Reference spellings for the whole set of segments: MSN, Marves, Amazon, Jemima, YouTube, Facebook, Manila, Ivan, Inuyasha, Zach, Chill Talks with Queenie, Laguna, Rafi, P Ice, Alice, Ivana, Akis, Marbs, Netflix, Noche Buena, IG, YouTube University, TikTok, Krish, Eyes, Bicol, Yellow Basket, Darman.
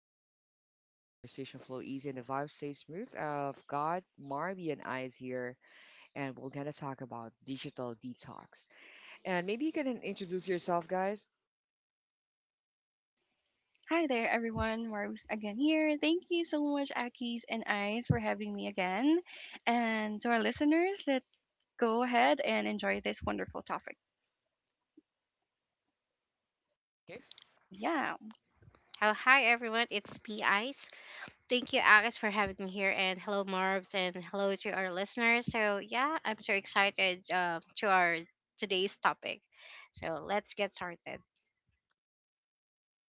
step into a chill zone where conversation flow easy and the vibe stays smooth. I've got Marby and I is here, and we're gonna talk about digital detox. And maybe you can introduce yourself, guys. Hi there, everyone. Marves again here. Thank you so much, Akis and Eyes, for having me again. And to our listeners, let's go ahead and enjoy this wonderful topic. Okay. Yeah. How hi everyone, it's P Ice. Thank you, Alice, for having me here, and hello, Marbs, and hello to our listeners. So yeah, I'm so excited to our today's topic. So let's get started.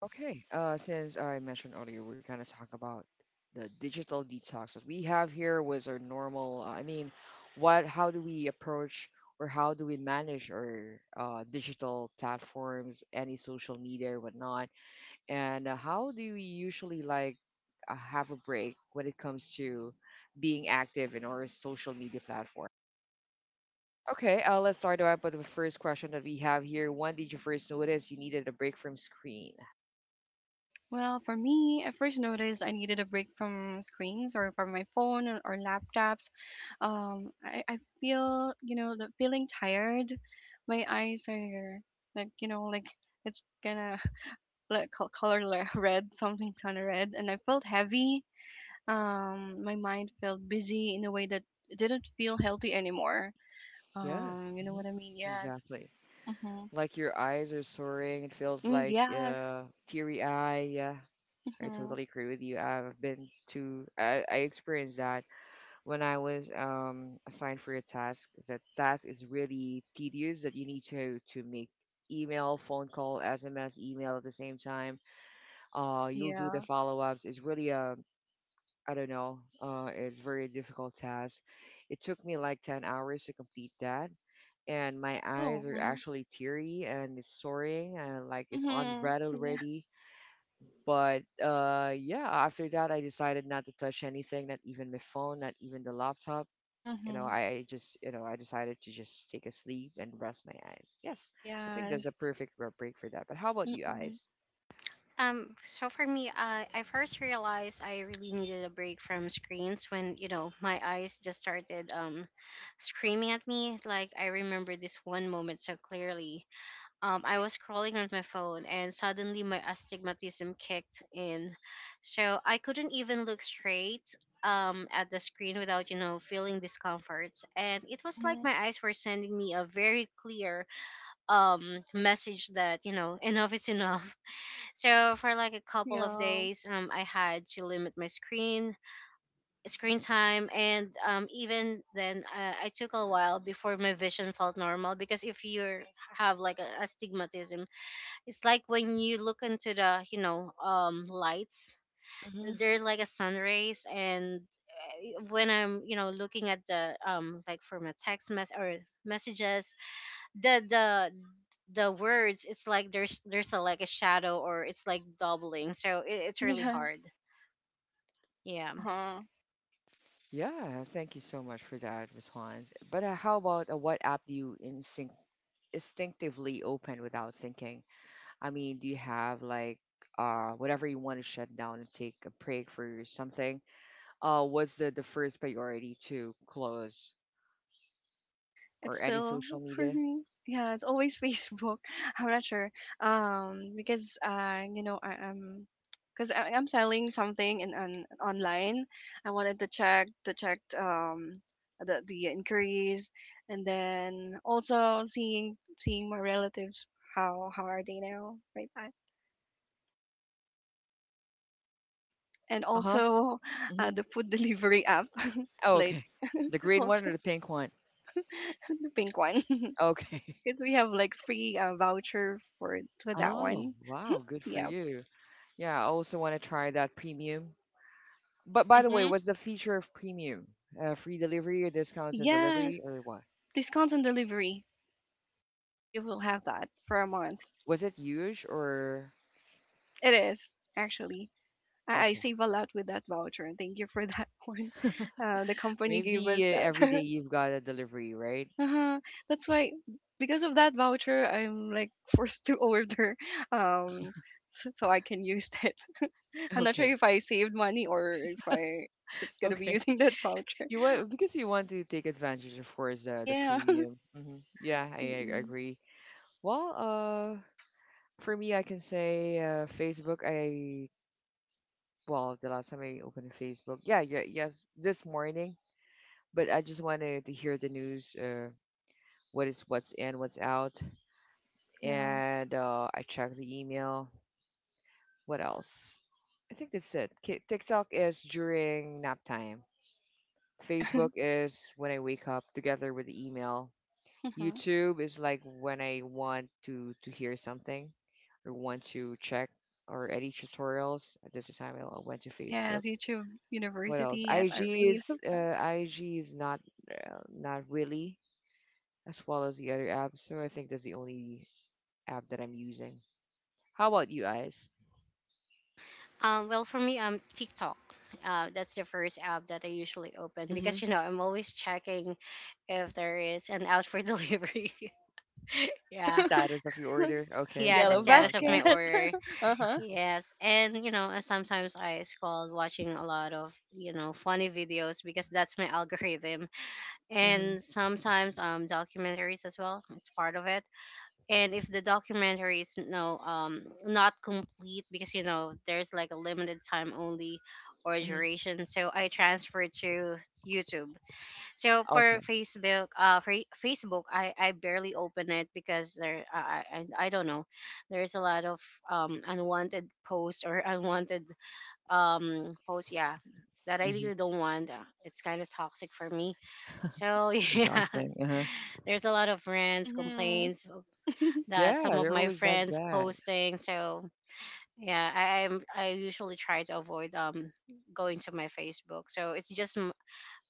Okay. Since I mentioned earlier, we're gonna talk about the digital detox that we have here was our normal. I mean, what? How do we approach or how do we manage our digital platforms, any social media, whatnot? And How do you usually like have a break when it comes to being active in our social media platform? Okay, let's start off with the first question that we have here. When did you first notice you needed a break from screen? Well, for me, I first noticed I needed a break from screens or from my phone or laptops. I feel, you know, the feeling tired. My eyes are like, you know, like it's gonna like color red, something kind of red, and I felt heavy. My mind felt busy in a way that it didn't feel healthy anymore. Yeah, You know hmm, what I mean? Yes. exactly. Mhm. Like your eyes are soaring. It feels Mm, like yes. Teary eye. Yeah, I Mhm. totally agree with you. I experienced that when I was assigned for a task. That task is really tedious that you need to make email, phone call, SMS, email at the same time. You'll do the Yeah. follow ups. It's really a I don't know. It's very difficult task. It took me like 10 hours to complete that, and my eyes Oh. are Mhm. actually teary and it's soaring and like it's on Mhm. red Yeah. already. But yeah, after that, I decided not to touch anything, not even my phone, not even the laptop you know, Mhm. I just, I decided to just take a sleep and rest my eyes. Yes, I think Yes. that's a perfect break for that. But how about you, Mhm. eyes? So for me, I first realized I really needed a break from screens when you know my eyes just started screaming at me. Like I remember this one moment so clearly. I was scrolling on my phone and suddenly my astigmatism kicked in. So I couldn't even look straight at the screen without, you know, feeling discomfort. And it was like Mhm. my eyes were sending me a very clear message that, you know, enough is enough. So for like a couple of Yeah. days, I had to limit my screen time, and even then I took a while before my vision felt normal, because if you have like an astigmatism, it's like when you look into the, you know, lights, Hmm. they're like a sun rays. And when I'm, you know, looking at the, like from a text mess or messages, the, the, the words, it's like there's a, like a shadow, or it's like doubling. So it's really Yeah. hard. Yeah. Uh huh. Yeah, thank you so much for that response. But how about what app do you instinctively open without thinking? I mean, do you have like uh, whatever you want to shut down and take a break for something? What's the first priority to close It's or any still social for media? me. Yeah, it's always Facebook. I'm not sure. Because you know, because I'm selling something in on online. I wanted to check the inquiries, and then also seeing my relatives how are they now right now, and Uh huh. also Hmm. The food delivery app Oh, like okay. The green one or also the pink one? the pink one Okay. because we have like free voucher for that Oh, one. wow, good for Yeah. you. Yeah, I also want to try that premium. But by the way, Mm-hmm. what's the feature of premium? Free delivery or discounts on Yeah, delivery or what? discounts on delivery. You will have that for a month. Was it huge or It is, actually. I okay? save a lot with that voucher, and thank you for that one. The company gave Maybe us that. every day you've got a delivery, right? Uh-huh. That's why, because of that voucher, I'm like forced to order um, so I can use it. I'm not sure Okay, if I saved money or if I just gonna be okay. using that voucher. You want because you want to take advantage, of course, the Yeah. premium. Hmm. Yeah, I Mm-mm. agree. Well, for me, I can say Facebook. I well, the last time I opened Facebook, yeah, yeah, yes, this morning. But I just wanted to hear the news, what is what's in, what's out, Yeah. and I checked the email. What else? I think that's it. TikTok is during nap time. Yeah. Facebook is when I wake up together with the email. Mhm. YouTube is like when I want to hear something or want to check or edit tutorials. At this time, I went to Yeah, Facebook. YouTube What else? University. Yes, I IG really love is uh, IG is not not really as well as the other app. So I think that's the only app that I'm using. How about you guys? Well, for me, TikTok. That's the first app that I usually open Mm-hmm. because you know I'm always checking if there is an out for delivery. yeah, Status of your that. order. Okay, yeah, the I Yellow love status of my that. Basket. order. Uh-huh. Yes. And you know, sometimes I scroll watching a lot of you know funny videos because that's my algorithm, Mm-hmm. and sometimes documentaries as well, it's part of it. And if the documentary is no not complete, because you know there's like a limited time only or Mm-hmm. duration, so I transfer to YouTube. So Okay. For Facebook, I barely open it because there I don't know, there is a lot of unwanted posts or unwanted posts, yeah, that I Mm-hmm. really don't want. It's kind of toxic for me. So yeah, Exhausting. Uh-huh. there's a lot of rants, Mhm. complaints that Yeah, some of they're my always like friends that. posting. So yeah, I usually try to avoid going to my Facebook. So it's just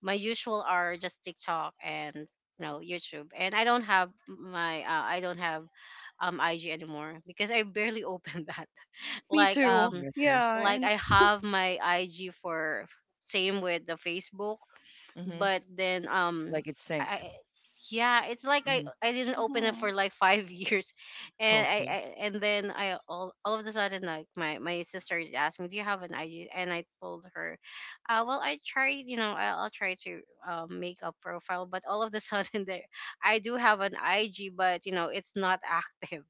my usual are just TikTok and you know YouTube. And I don't have my I don't have IG anymore because I barely open that. Me Like too. um Mm, I see. Yeah, like and I have my IG for same with the Facebook, Mm-hmm. but then Like it's synced. I yeah, it's like Mm-hmm. I didn't open it mhm. for like five years, and Okay, I and then I, all of a sudden, like my sister asked me, do you have an IG? And I told her, well I tried, you know, I, I'll try to make a profile, but all of a sudden there. I do have an IG, but you know it's not active.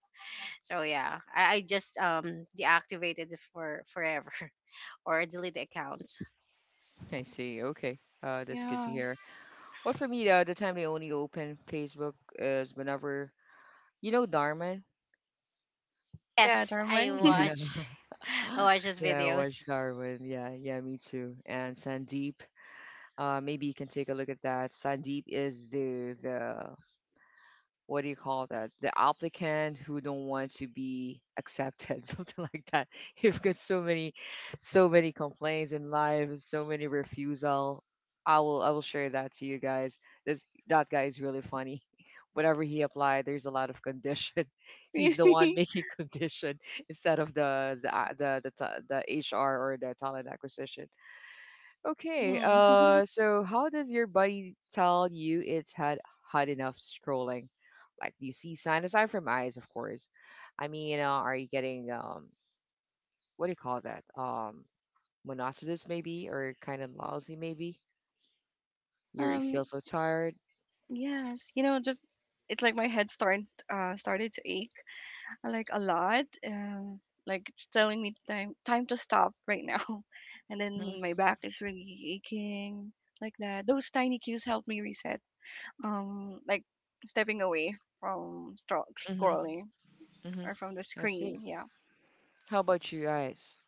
So yeah, I just deactivated it for forever or delete the account. I see. Okay, that's good to Yeah. hear. Well, for me, the time they only open Facebook is whenever you know Darman. Yeah, Yes, I Darman. Yeah, watch. I watch his yeah, I videos. watch Darwin. Yeah, yeah, me too. And Sandeep. Maybe you can take a look at that. Sandeep is the what do you call that? The applicant who don't want to be accepted, something like that. You've got so many, so many complaints in life, so many refusal. I will share that to you guys. This that guy is really funny. Whatever he applied, there's a lot of condition. mm. He's the one making condition instead of the a- the the, ta- the HR or the talent acquisition. Okay, so how does your body tell you it's had enough scrolling? Like, do you see sign aside from eyes, of course? I mean, are you getting what do you call that? Monotonous maybe, or kind of lousy maybe? You Um, feel so tired. yes, you know, just it's like my head starts started to ache like a lot. Like it's telling me time to stop right now. And Mm-hmm, then my back is really aching like that. Those tiny cues help me reset, like stepping away from mm-hmm, scrolling mm-hmm. or from the I see. screen. Yeah How about you guys?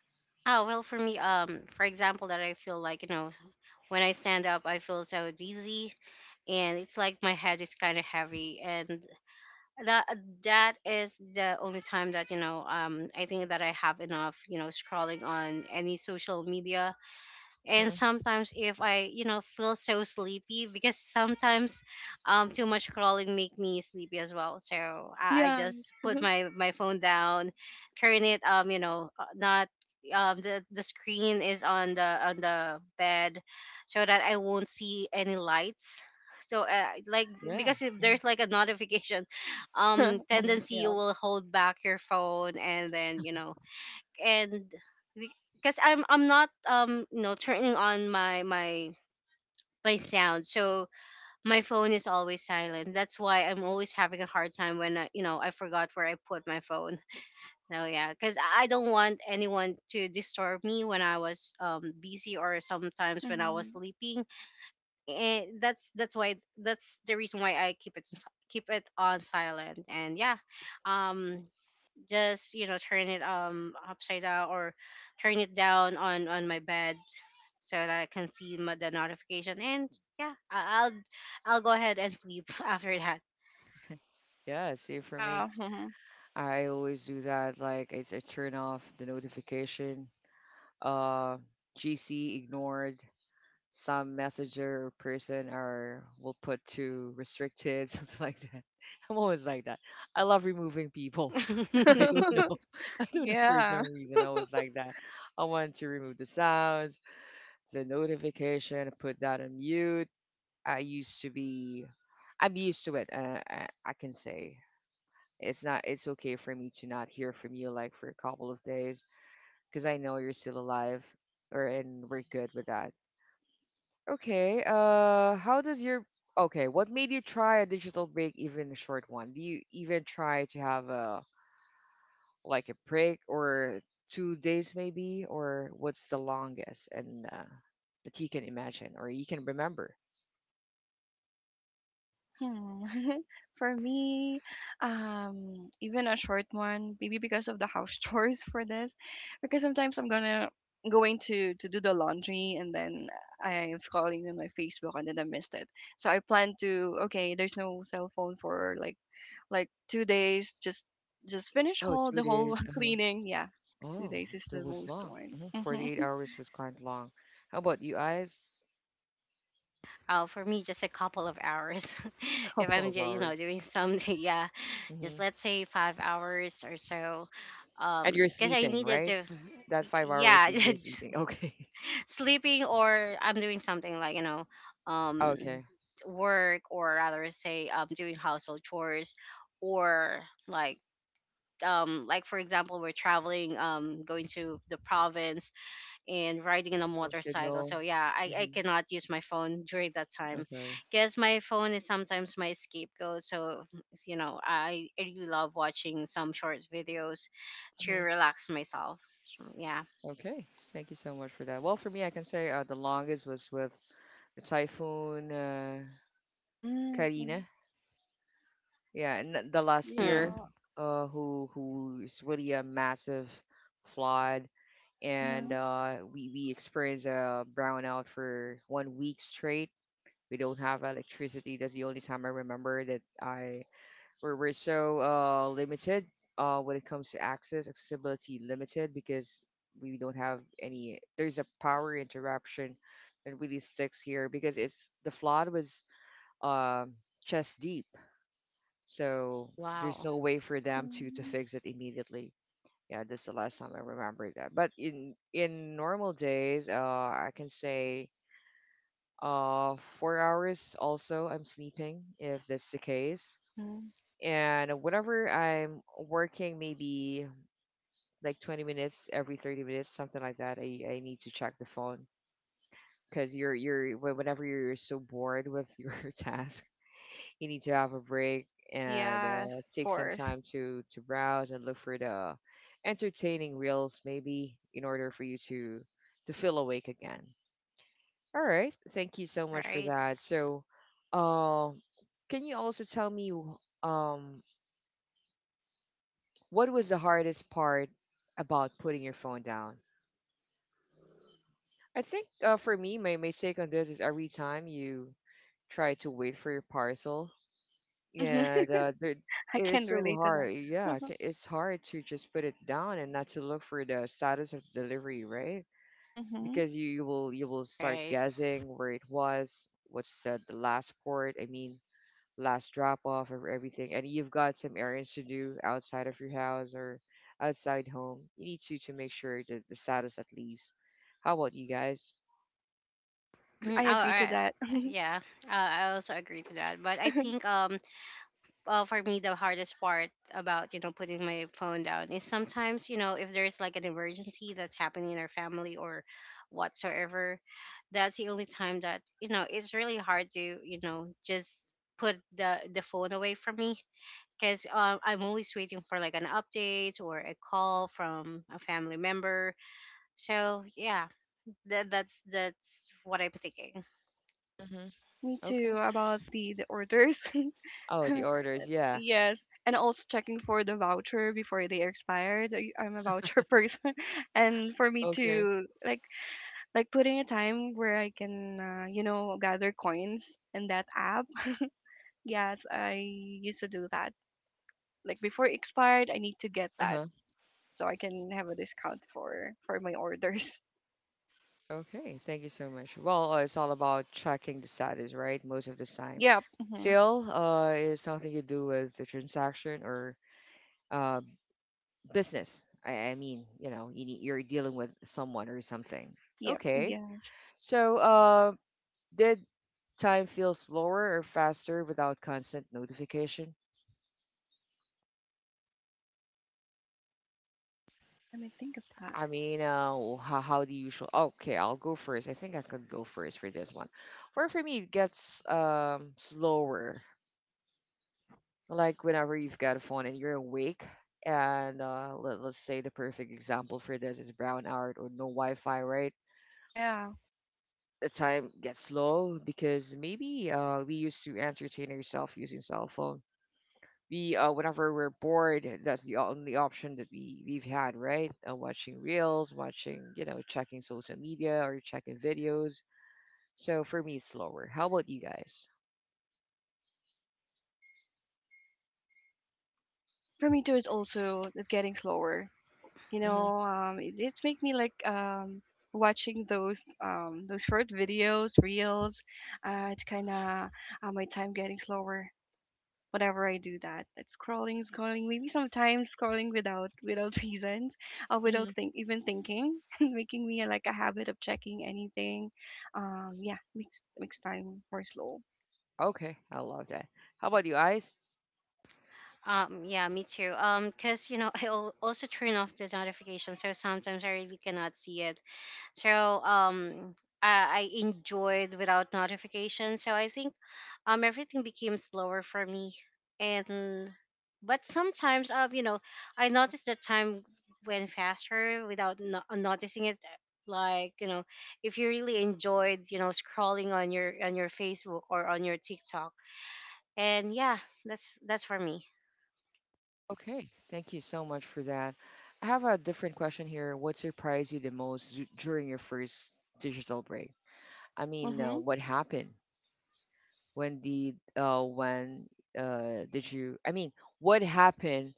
Oh well, for me, for example, that I feel like you know, when I stand up, I feel so dizzy, and it's like my head is kind of heavy, and that that is the only time that, you know, I think that I have enough, you know, scrolling on any social media. And Hmm. sometimes if I, you know, feel so sleepy, because sometimes too much crawling make me sleepy as well. So I Yeah. just put my my phone down, turn it you know not the screen is on the bed, so that I won't see any lights. So like, Yeah. because if there's like a notification, Mm-hmm. tendency you Yeah. will hold back your phone, and then you know. And because I'm not you know turning on my my my sound, so my phone is always silent. That's why I'm always having a hard time when I, you know, I forgot where I put my phone. So yeah, because I don't want anyone to disturb me when I was busy, or sometimes when I was Hmm. sleeping. And that's the reason why I keep it on silent. And yeah, um just you know turn it upside down, or turn it down on my bed, so that I can see the notification. And yeah, I, I'll go ahead and sleep after that. Yeah, see for me, Yeah. Mhm. I always do that. Like it's I turn off the notification. Uh, GC ignored. Some messenger person are will put to restricted something like that. I'm always like that. I love removing people. I don't know. I don't know for Yeah. some reason I always like that. I want to remove the sounds, the notification, put that on mute. i used to be I'm used to it. I can say it's not it's okay for me to not hear from you like for a couple of days because I know you're still alive or and we're good with that. Okay. How does your Okay? What made you try a digital break, even a short one? Do you even try to have a like a break or 2 days maybe, or what's the longest and that you can imagine or you can remember? Hmm. For me, even a short one, maybe because of the house chores for this, because sometimes I'm gonna going to do the laundry and then I'm scrolling on my Facebook and then I missed it. So I plan to, okay, there's no cell phone for like 2 days, just finish Oh, whole two the whole days. Uh-huh. cleaning. Yeah, two Oh, days is that the was most long. one. Hmm. Hmm. 48 hours was quite long. How about you, eyes? oh, for me, just a couple of hours. if Couple I'm, of you know, hours. doing something, yeah, Hmm. just let's say 5 hours or so. And you're Because I sleeping, needed right? to, That 5 hours yeah, is you're sleeping. Okay. sleeping, or I'm doing something like, you know, um, Okay. work, or rather say doing household chores, or like like for example we're traveling going to the province and riding in a No motorcycle. signal. So yeah, I cannot use my phone during that time, Okay. because my phone is sometimes my scapegoat. So you know I really love watching some short videos to Hmm. relax myself. So yeah. Okay. Thank you so much for that. Well, for me, I can say the longest was with the Typhoon Mm-hmm. Karina. Yeah, and the last year, Hmm. Yeah. Who is really a massive flood, and Mm-hmm. we experienced a brownout for 1 week straight. We don't have electricity. That's the only time I remember that I where we're so limited when it comes to access, accessibility limited because we don't have any. There's a power interruption that really sticks here because it's the flood was um, chest deep, so there's Wow. no way for them to Mm-hmm. fix it immediately. Yeah, that's the last time I remember that. But in normal days, I can say uh, 4 hours also I'm sleeping if that's the case. And whenever I'm working, maybe like 20 minutes every 30 minutes, something like that, I need to check the phone because whenever you're so bored with your task, you need to have a break and Yes, of take some course. time to browse and look for the entertaining reels, maybe in order for you to feel awake again. All right, thank you so much for Right. that. So, um, can you also tell me um, what was the hardest part about putting your phone down? I think for me, my take on this is every time you try to wait for your parcel, Hmm. and I it's can so relate to that. hard. Yeah, Hmm. It's hard to just put it down and not to look for the status of delivery, right? Hmm. Because you will start Right. guessing where it was, what's the last port. I mean, last drop off of everything, and you've got some errands to do outside of your house or outside home. You need to make sure that the status at least. How about you guys? I, agr- I, I agree to I, that. yeah, I also agree to that. But I think for me the hardest part about you know putting my phone down is sometimes you know if there's like an emergency that's happening in our family or whatsoever, that's the only time that you know it's really hard to you know just put the phone away from me. Because I'm always waiting for like an update or a call from a family member. So yeah, that's what I'm thinking. Mm-hmm. Me Okay. too, about the orders. Oh, the orders, yeah. Yes, and also checking for the voucher before they expired. I'm a voucher person, and for me Okay. to like putting a time where I can, you know, gather coins in that app. Yes, I used to do that. Like before it expired, I need to get Uh that huh. so I can have a discount for my orders. Okay, thank you so much. Well, it's all about tracking the status, right? Most of the time, Yep. Hmm. still uh, it's something to do with the transaction or uh, business. I mean, you know, you need, you're dealing with someone or something. Yep. Okay, Yeah. so uh, did time feels slower or faster without constant notification? Let me think of that. I mean, how do you show? Okay, I'll go first. I think I could go first for this one. Where for me, it gets um, slower. Like whenever you've got a phone and you're awake, and let's say the perfect example for this is brown out or no Wi-Fi, right? Yeah. The time gets slow because maybe we used to entertain ourselves using cell phone. We Whenever we're bored, that's the only option that we've had, right? Uh, watching reels, watching, you know, checking social media or checking videos. So for me it's lower. How about you guys? For me too, it's also it's getting slower. You Hmm. know, it's make me like watching those short videos, reels. It's kind of, my time getting slower whenever I do that. It's scrolling, scrolling, maybe sometimes scrolling without reasons or without Hmm. think even thinking, making me like a habit of checking anything. Yeah, makes time for slow. Okay, I love that. How about you guys? Yeah, me too. Cause you know I also turn off the notification, so sometimes I really cannot see it. So um, I enjoyed without notification. So I think everything became slower for me. And but sometimes you know I noticed that time went faster without noticing it. Like you know, if you really enjoyed you know scrolling on your Facebook or on your TikTok, and yeah, that's for me. Okay, thank you so much for that. I have a different question here. What surprised you the most during your first digital break? I mean, Mm-hmm. what happened when the when did you I mean what happened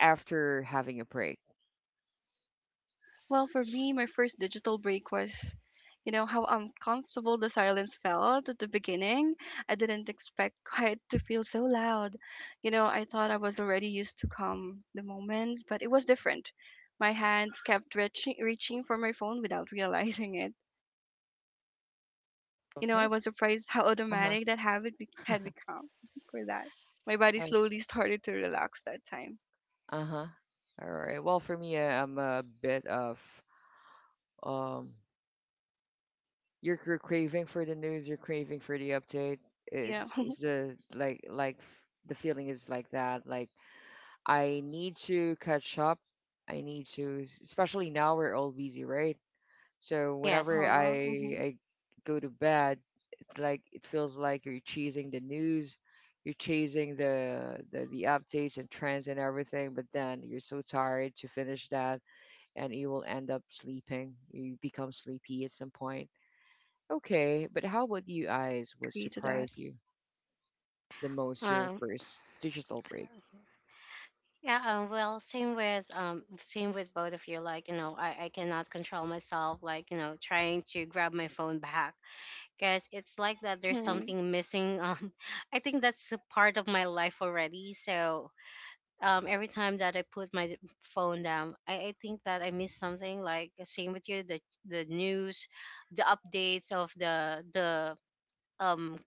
after having a break? Well, for me, my first digital break was, you know, how uncomfortable the silence felt at the beginning. I didn't expect quiet to feel so loud. You know, I thought I was already used to calm the moments, but it was different. My hands kept reaching for my phone without realizing it. You know, I Okay. was surprised how uh-huh automatic that habit had become for that. My body Oh, slowly started to relax that time. uh-huh all right, well, for me, I'm a bit of um you're craving for the news, you're craving for the update. Yeah. It's the, like, the feeling is like that, like I need to catch up. I need to s- Especially now we're all busy, right? So Uh Yes. whenever i huh. Hmm. i go to bed, like it feels like you're chasing the news, you're chasing the updates and trends and everything, but then you're so tired to finish that, and you will end up sleeping. You become sleepy at some point. Okay, but how about you guys? What Agree to that. surprised you the most during Um, first digital break? yeah, well, same with both of you. Like, you know, I cannot control myself. Like, you know, trying to grab my phone back, because it's like that. There's Hmm. something missing. I think that's a part of my life already. So, every time that I put my phone down, I think that I miss something. Like, same with you, the news, the updates of the um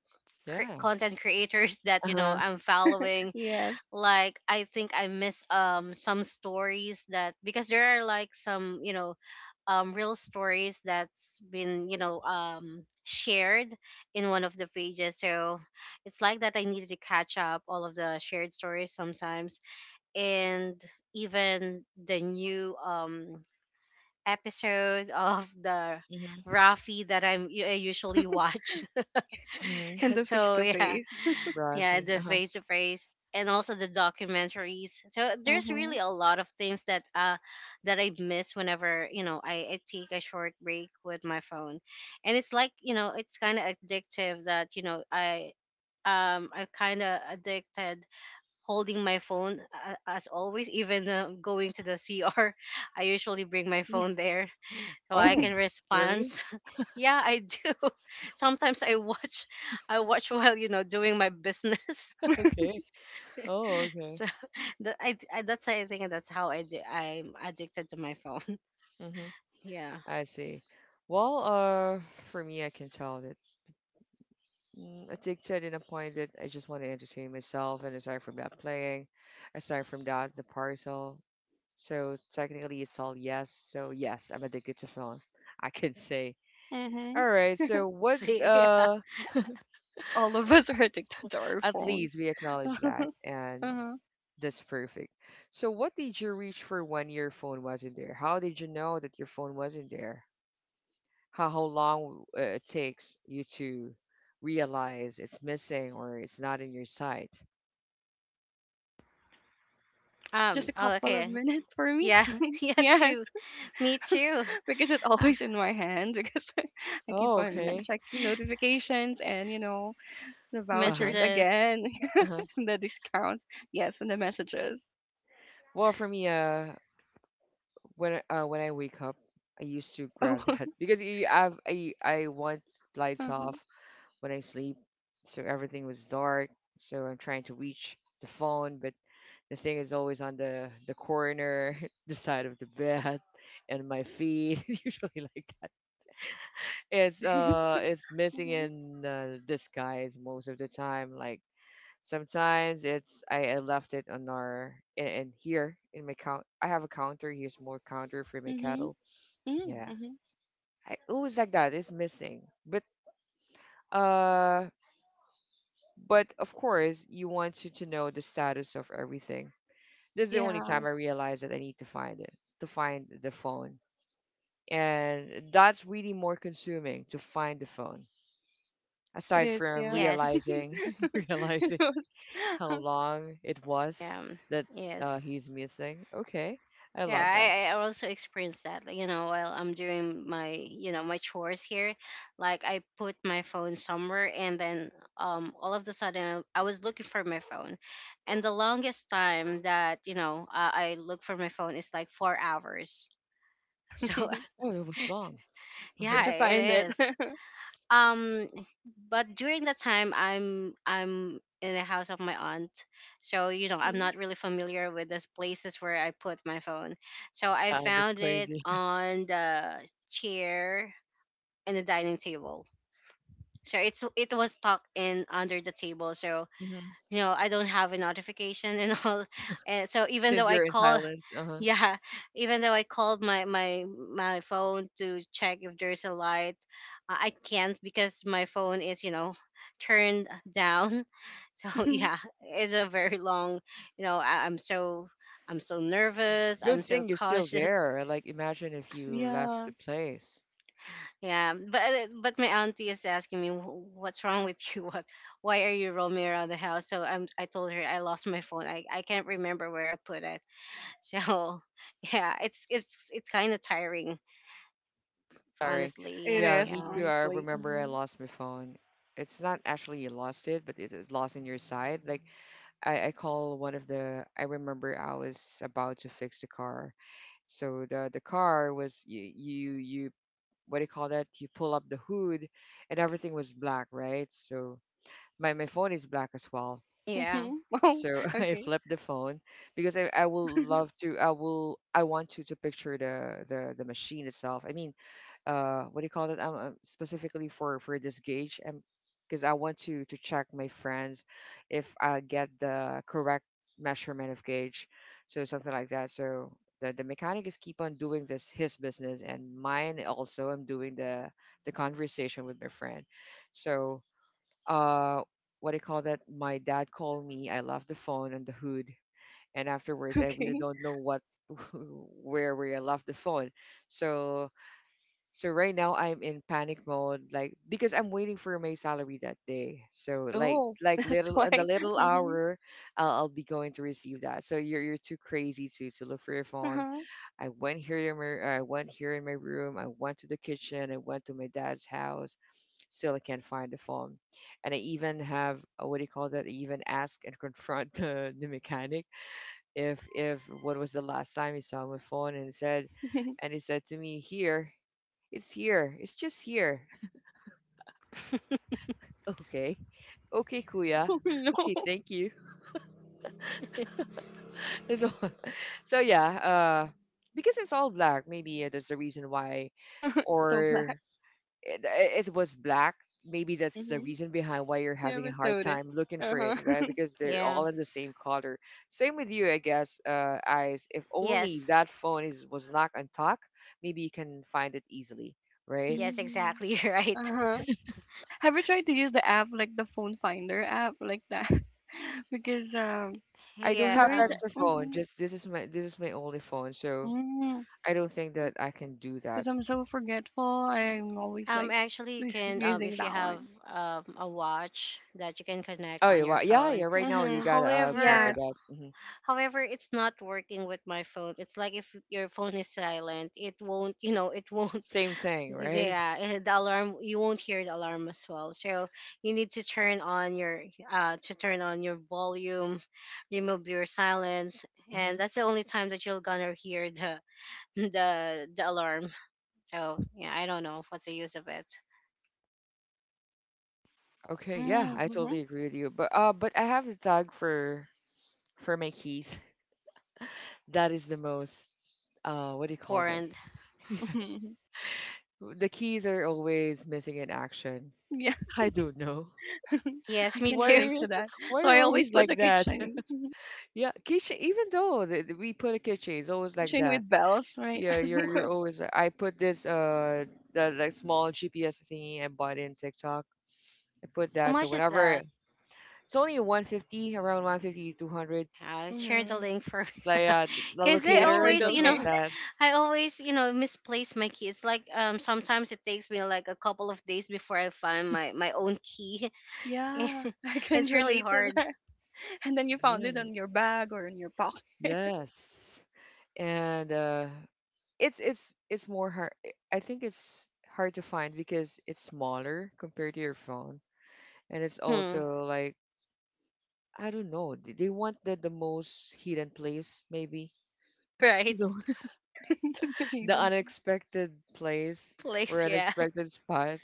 Yeah. content creators Uh that you know huh. I'm following. Yes. Like I think I miss some stories, that because there are like some you know real stories that's been you know shared in one of the pages. So it's like that I needed to catch up all of the shared stories sometimes, and even the new episode of the Mhm. Rafi that I usually watch. Mhm. And the face so to yeah, face. yeah, Brothy. the Uh huh. face to face, and also the documentaries. So there's Mhm. really a lot of things that that I miss whenever you know I take a short break with my phone. And it's like you know it's kind of addictive that you know I kind of addicted holding my phone as always, even going to the cr. I usually bring my Yeah. phone there so I Oh, can respond. really? yeah, I do. sometimes I watch while you know doing my business. Okay. Oh, okay. So I, that's, I think that's how I do. I'm addicted to my phone. Mhm. Yeah. I see. Well, for me, I can tell that addicted in a point that I just want to entertain myself, and aside from that, playing, aside from that, the parcel. So technically, it's all yes. So yes, I'm addicted to film. I can say. Mhm. All right. I So what? See. Think all of us are addicted to our At phone. least we acknowledge that, and Uh-huh. that's perfect. So what did you reach for when your phone wasn't there? How did you know that your phone wasn't there? How long it takes you to realize it's missing or it's not in your sight? Um. Just a Oh. couple of Okay. minutes for me. Yeah. Yeah, Yes, too. Me too. because it's Uh, always in my hand because I keep Oh, on okay. checking notifications and you know the vouchers Uh-huh. messages. again, Uh-huh. and the discounts. Yes, and the messages. Well, for me, when I wake up, I used to grab Oh, that because I have I want lights uh-huh. off when I sleep, so everything was dark. So I'm trying to reach the phone, but the thing is always on the corner, the side of the bed, and my feet. Usually like that. It is. It's missing Mhm. in disguise most of the time. Like sometimes I left it on our in here in my count. I have a counter. Here's more counter for my Mhm. cattle. Mm, Yeah, mhm. I always like that. It's missing, uh, but of course you want you to know the status of everything. This is the only Yeah, time I realized that I need to find it, to find the phone, and that's really more consuming to find the phone. it Aside is. from Yeah. Yes. realizing, realizing how long it was Um. that Yes. he's missing. Okay, I Yeah, love that. I also experienced that. Like, you know, while I'm doing my, you know, my chores here, like I put my phone somewhere, and then all of the sudden I was looking for my phone, and the longest time that you know I look for my phone is like 4 hours. So Oh, it was long. Uh huh. yeah, Where'd you find it it? is um but during that time I'm in the house of my aunt. So you know I'm Mhm. not really familiar with those places where I put my phone. So I That's found it crazy. on the chair in the dining table. So it was tucked in under the table. So Hmm. you know I don't have a notification and all. And so even Since though I you're in call silence, uh huh. yeah, even though I called my my phone to check if there's a light, I can't because my phone is you know turned down. so yeah, it's a very long. You know, I'm so, I'm so nervous, Good I'm so thing you're still cautious. there. Like, imagine if you left Yeah, the place. Yeah, but my auntie is asking me, "Wh- What's wrong with you? What, why are you roaming around the house?" So I told her I lost my phone. I can't remember where I put it. So yeah, it's kind of tiring, Sorry. honestly. it Yeah, Yeah, is me yeah, too. I honestly. remember I Mm-hmm. lost my phone. It's not actually you lost it, but it is lost in your side. Like I call one of the. I remember I was about to fix the car, so the car was you what do you call that? You pull up the hood, and everything was black, right? So my phone is black as well. yeah, Mm-hmm. Oh, So I okay. flipped the phone because I will love to I will I want to picture the machine itself. I mean, what do you call it specifically for this gauge, and because I want to check my friends if I get the correct measurement of gauge, so something like that. So the mechanic is keep on doing this his business, and mine also I'm doing the conversation with my friend. So uh what do you call that, my dad called me, I left the phone on the hood, and afterwards I really Okay. don't know what where I left the phone. So so right now I'm in panic mode, like because I'm waiting for my salary that day. So like Oh, like little why? in the little Mm-hmm. hour, I'll be going to receive that. So you're too crazy to look for your phone. Uh-huh. I went here in my room. I went to the kitchen. I went to my dad's house. Still I can't find the phone, and I even have what do you call that? I even ask and confront the mechanic if what was the last time he saw my phone and said, and he said to me here, it's here. It's just here. Okay. Okay, kuya. Oh no, Okay, thank you. So, so yeah, because it's all black, maybe that's the reason why, so black. or it was black. Maybe that's the Mm-hmm. reason behind why you're You having a haven't hard noticed. time looking for it, Uh-huh. right? Because they're yeah. all in the same color. Same with you, I guess. Eyes. If only Yes, that phone is was not on talk, maybe you can find it easily, right? yes, Mm-hmm. exactly. You're right. Uh-huh. Have you tried to use the app like the phone finder app like that? Because I don't Yeah. have there is. Extra phone. Mm-hmm. Just this is my only phone. So Mm, I don't think that I can do that. because I'm so forgetful, I'm always like Actually, you can using if you that have one. A watch that you can connect Oh on yeah, your well, yeah, yeah. phone. Right now, you Mm-hmm. got. Sorry for However, Yes. that. Hmm. however, it's not working with my phone. It's like if your phone is silent, it won't, you know, it won't, Same thing, right? yeah, eh, the alarm, you won't hear the alarm as well. So you need to turn on your volume, remove your silence, and Hmm. that's the only time that you're gonna hear the, the alarm. So yeah, I don't know what's the use of it. Okay, yeah, I Mm-hmm. Mm-hmm. totally agree with you. But I have a tag for my keys. That is the most what do you call that? Porn. Yeah. Mhm. The keys are always missing in action. Yeah, I don't know I Yes, me can why too. are relate you, to that. why are So you I always always put like the that? keychain, Yeah, keychain. Even though we put a keychain, it's always like keychain that. with bells, right? Yeah, you're always. I put this the like small GPS thingy I bought in TikTok. I put How that so much is whenever that? it's only 150, around one fifty two hundred, I'll share the Hmm. link for. like the Because I Yeah, locator always, chandelier. you something like know, that. I always, you know, misplace my key. It's like sometimes it takes me like a couple of days before I find my own key. Yeah, I can It's really relate to hard. that. And then you found Yeah. it on your bag or in your pocket. Yes. And it's it's more hard. I think it's hard to find because it's smaller compared to your phone, and it's Hmm. also like I don't know. They want the most hidden place maybe. Right So The the hidden unexpected place or place, yeah. unexpected spot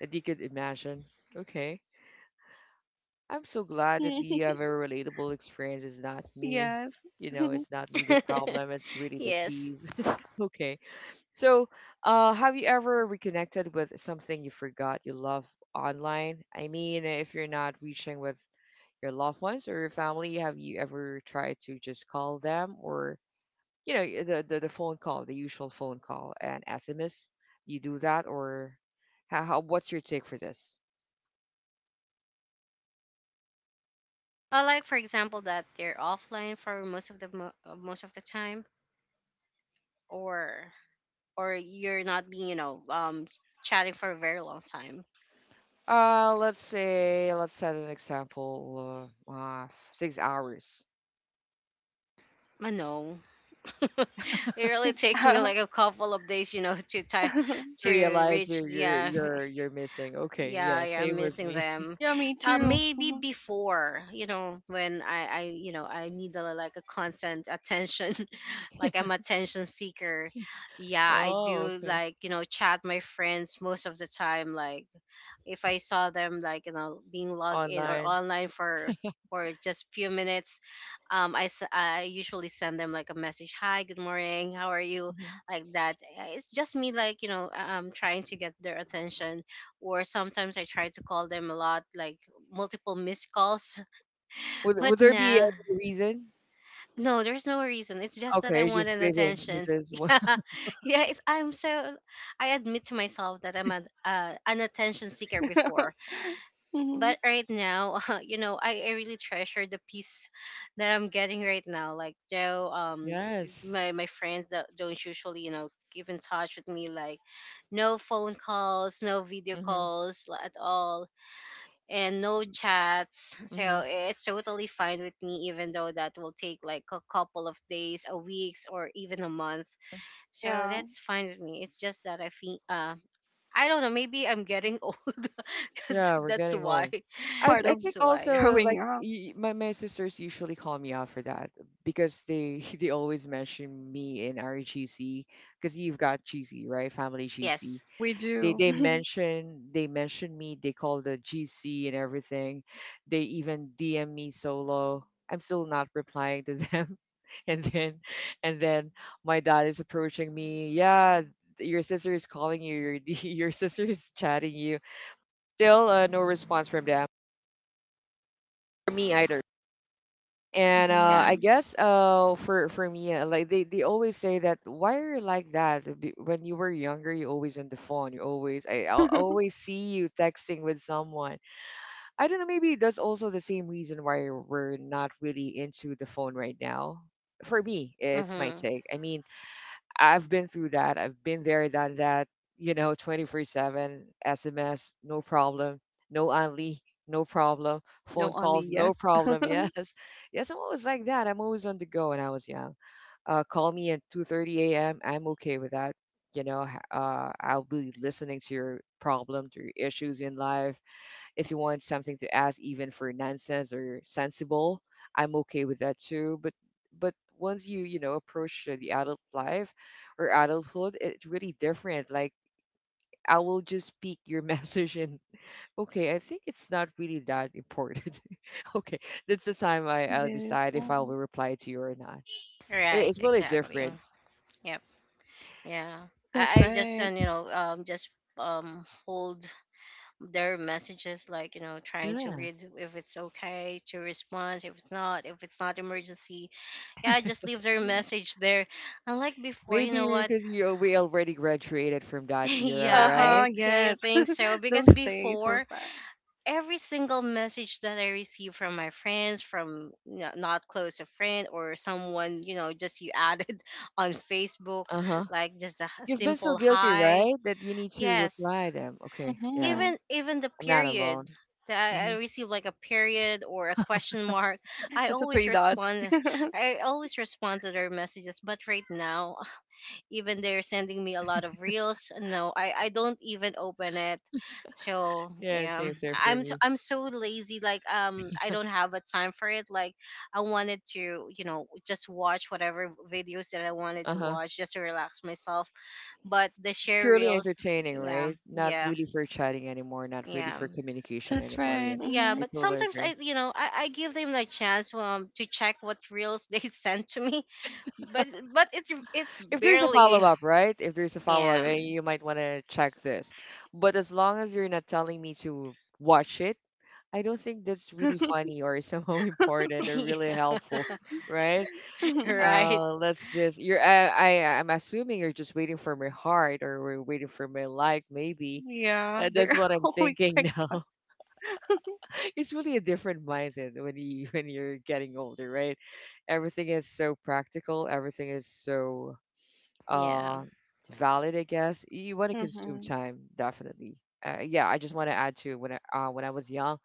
that you could imagine. Okay. I'm so glad that thing. you have a relatable experience. It's not me. Yes. You know, it's not me the problem. It's really the Yes. keys. Okay. So, have you ever reconnected with something you forgot you love online? I mean, if you're not reaching with your loved ones or your family, have you ever tried to just call them or you know the phone call, the usual phone call and sms, you do that or how what's your take for this, I like, for example, that they're offline for most of most of the time, or you're not being, you know, chatting for a very long time. uh, let's say, let's set an example, 6 hours I know. It really takes me Uh, like a couple of days, you know, to to realize reach you're, the, you're missing, okay, yeah, yeah, yeah, I'm same with missing me. them. yeah, me too. Maybe Mhm. before, you know, when I you know I need a, like a constant attention, like I'm attention seeker. Yeah, I Oh, do okay. like you know chat my friends most of the time, like if I saw them like you know being logged in or Online. online for just few minutes, I usually send them like a message, hi, good morning, how are you, Mhm. like that. It's just me like you know trying to get their attention, or sometimes I try to call them a lot, like multiple missed calls, Would but there be nah. any reason? No, there's no reason. It's just that Okay, I you're want just an waving, attention. you're just wa- Yeah, yeah. It's, I'm so. I admit to myself that I'm an attention seeker before, Hmm. but right now you know I really treasure the peace that I'm getting right now like joe, Yes. my friends that don't usually you know keep in touch with me, like no phone calls, no video Mm-hmm. calls at all, and no chats. So it's totally fine with me, even though that will take like a couple of days, a weeks, or even a month. So Yeah, that's fine with me. It's just that I feel uh, I don't know, maybe I'm getting old, because Yeah, we're that's getting why. old. I part I of think That's why. also growing like up, my my sisters usually call me out for that because they they always mention me in our GC, because you've got GC, right, family GC, Yes. we they do. They mention me, they call the GC and everything, they even DM me solo, I'm still not replying to them. and then and then my dad is approaching me, yeah, your sister is calling you, your your sister is chatting you. Still, no response from them, for me either. And Yeah. I Hmm. guess for me, like they always say that, why are you like that? When you were younger, you always on the phone. You always I I'll always see you texting with someone. I don't know. Maybe that's also the same reason why we're not really into the phone right now. For me, it's my Mhm. take. I mean, I've been through that. I've been there, done that, you know, 24/7, SMS, no problem. No only, no problem. Phone No, only calls, yes. no problem. Yes. Yes, I'm always like that. I'm always on the go when I was young. Call me at 2:30 a.m. I'm okay with that. You know, I'll be listening to your problem, to your issues in life, if you want something to ask, even for nonsense or sensible, I'm okay with that too. But once you you know approach the adult life or adulthood, it's really different. Like I will just pick your message and okay, I think it's not really that important. Okay, that's the time It I'll is. decide if I will Mhm. reply to you or not. Right, It's really exactly. different. Yep. Yeah. That's I just right. You know, just hold their messages like, you know, trying to Yeah. read if it's okay to respond, if it's not emergency. Yeah, I just leave their message there. Unlike before, you Maybe know what? because you we already graduated from that era, Yeah, Uh-huh, right? I yes. think so, Those because days were before fast. every single message that I receive from my friends, from you, not close a friend or someone, you know, just you added on Facebook, Uh huh. like just You've been so simple guilty, hi. right? That you need to reply Yes, them. Okay, yeah, Mm-hmm. Even the I'm not period alone. that I Hmm. receive, like a period or a question mark, I Just a always three dots. respond. That's I always respond to their messages. But right now, even they're sending me a lot of reels, no, I don't even open it. So Yeah, yeah, same thing for me. I'm so lazy, like I don't have a time for it, like I wanted to you know just watch whatever videos that I wanted Uh to huh. watch just to relax myself. But the It's share purely reels, entertaining, yeah, right? Not yeah, really for chatting anymore. Not really yeah. for communication anymore. right. Yeah, But yeah, Mm-hmm. I but totally sometimes agree. I you know I give them a chance, to check what reels they sent to me. But it's If there's a barely, follow up, right? If there's a follow up, yeah. and you might want to check this. But as long as you're not telling me to watch it, I don't think that's really funny or somehow important or really helpful, Yeah. right? Right. Let's just you're I I'm assuming you're just waiting for my heart, or we're waiting for my like maybe. Yeah, That's they're what I'm always thinking like, now. It's really a different mindset when you're getting older, right? Everything is so practical, everything is so Yeah. uh valid, I guess. You want to consume hmm, time, definitely. Yeah, I just want to add to when I was young,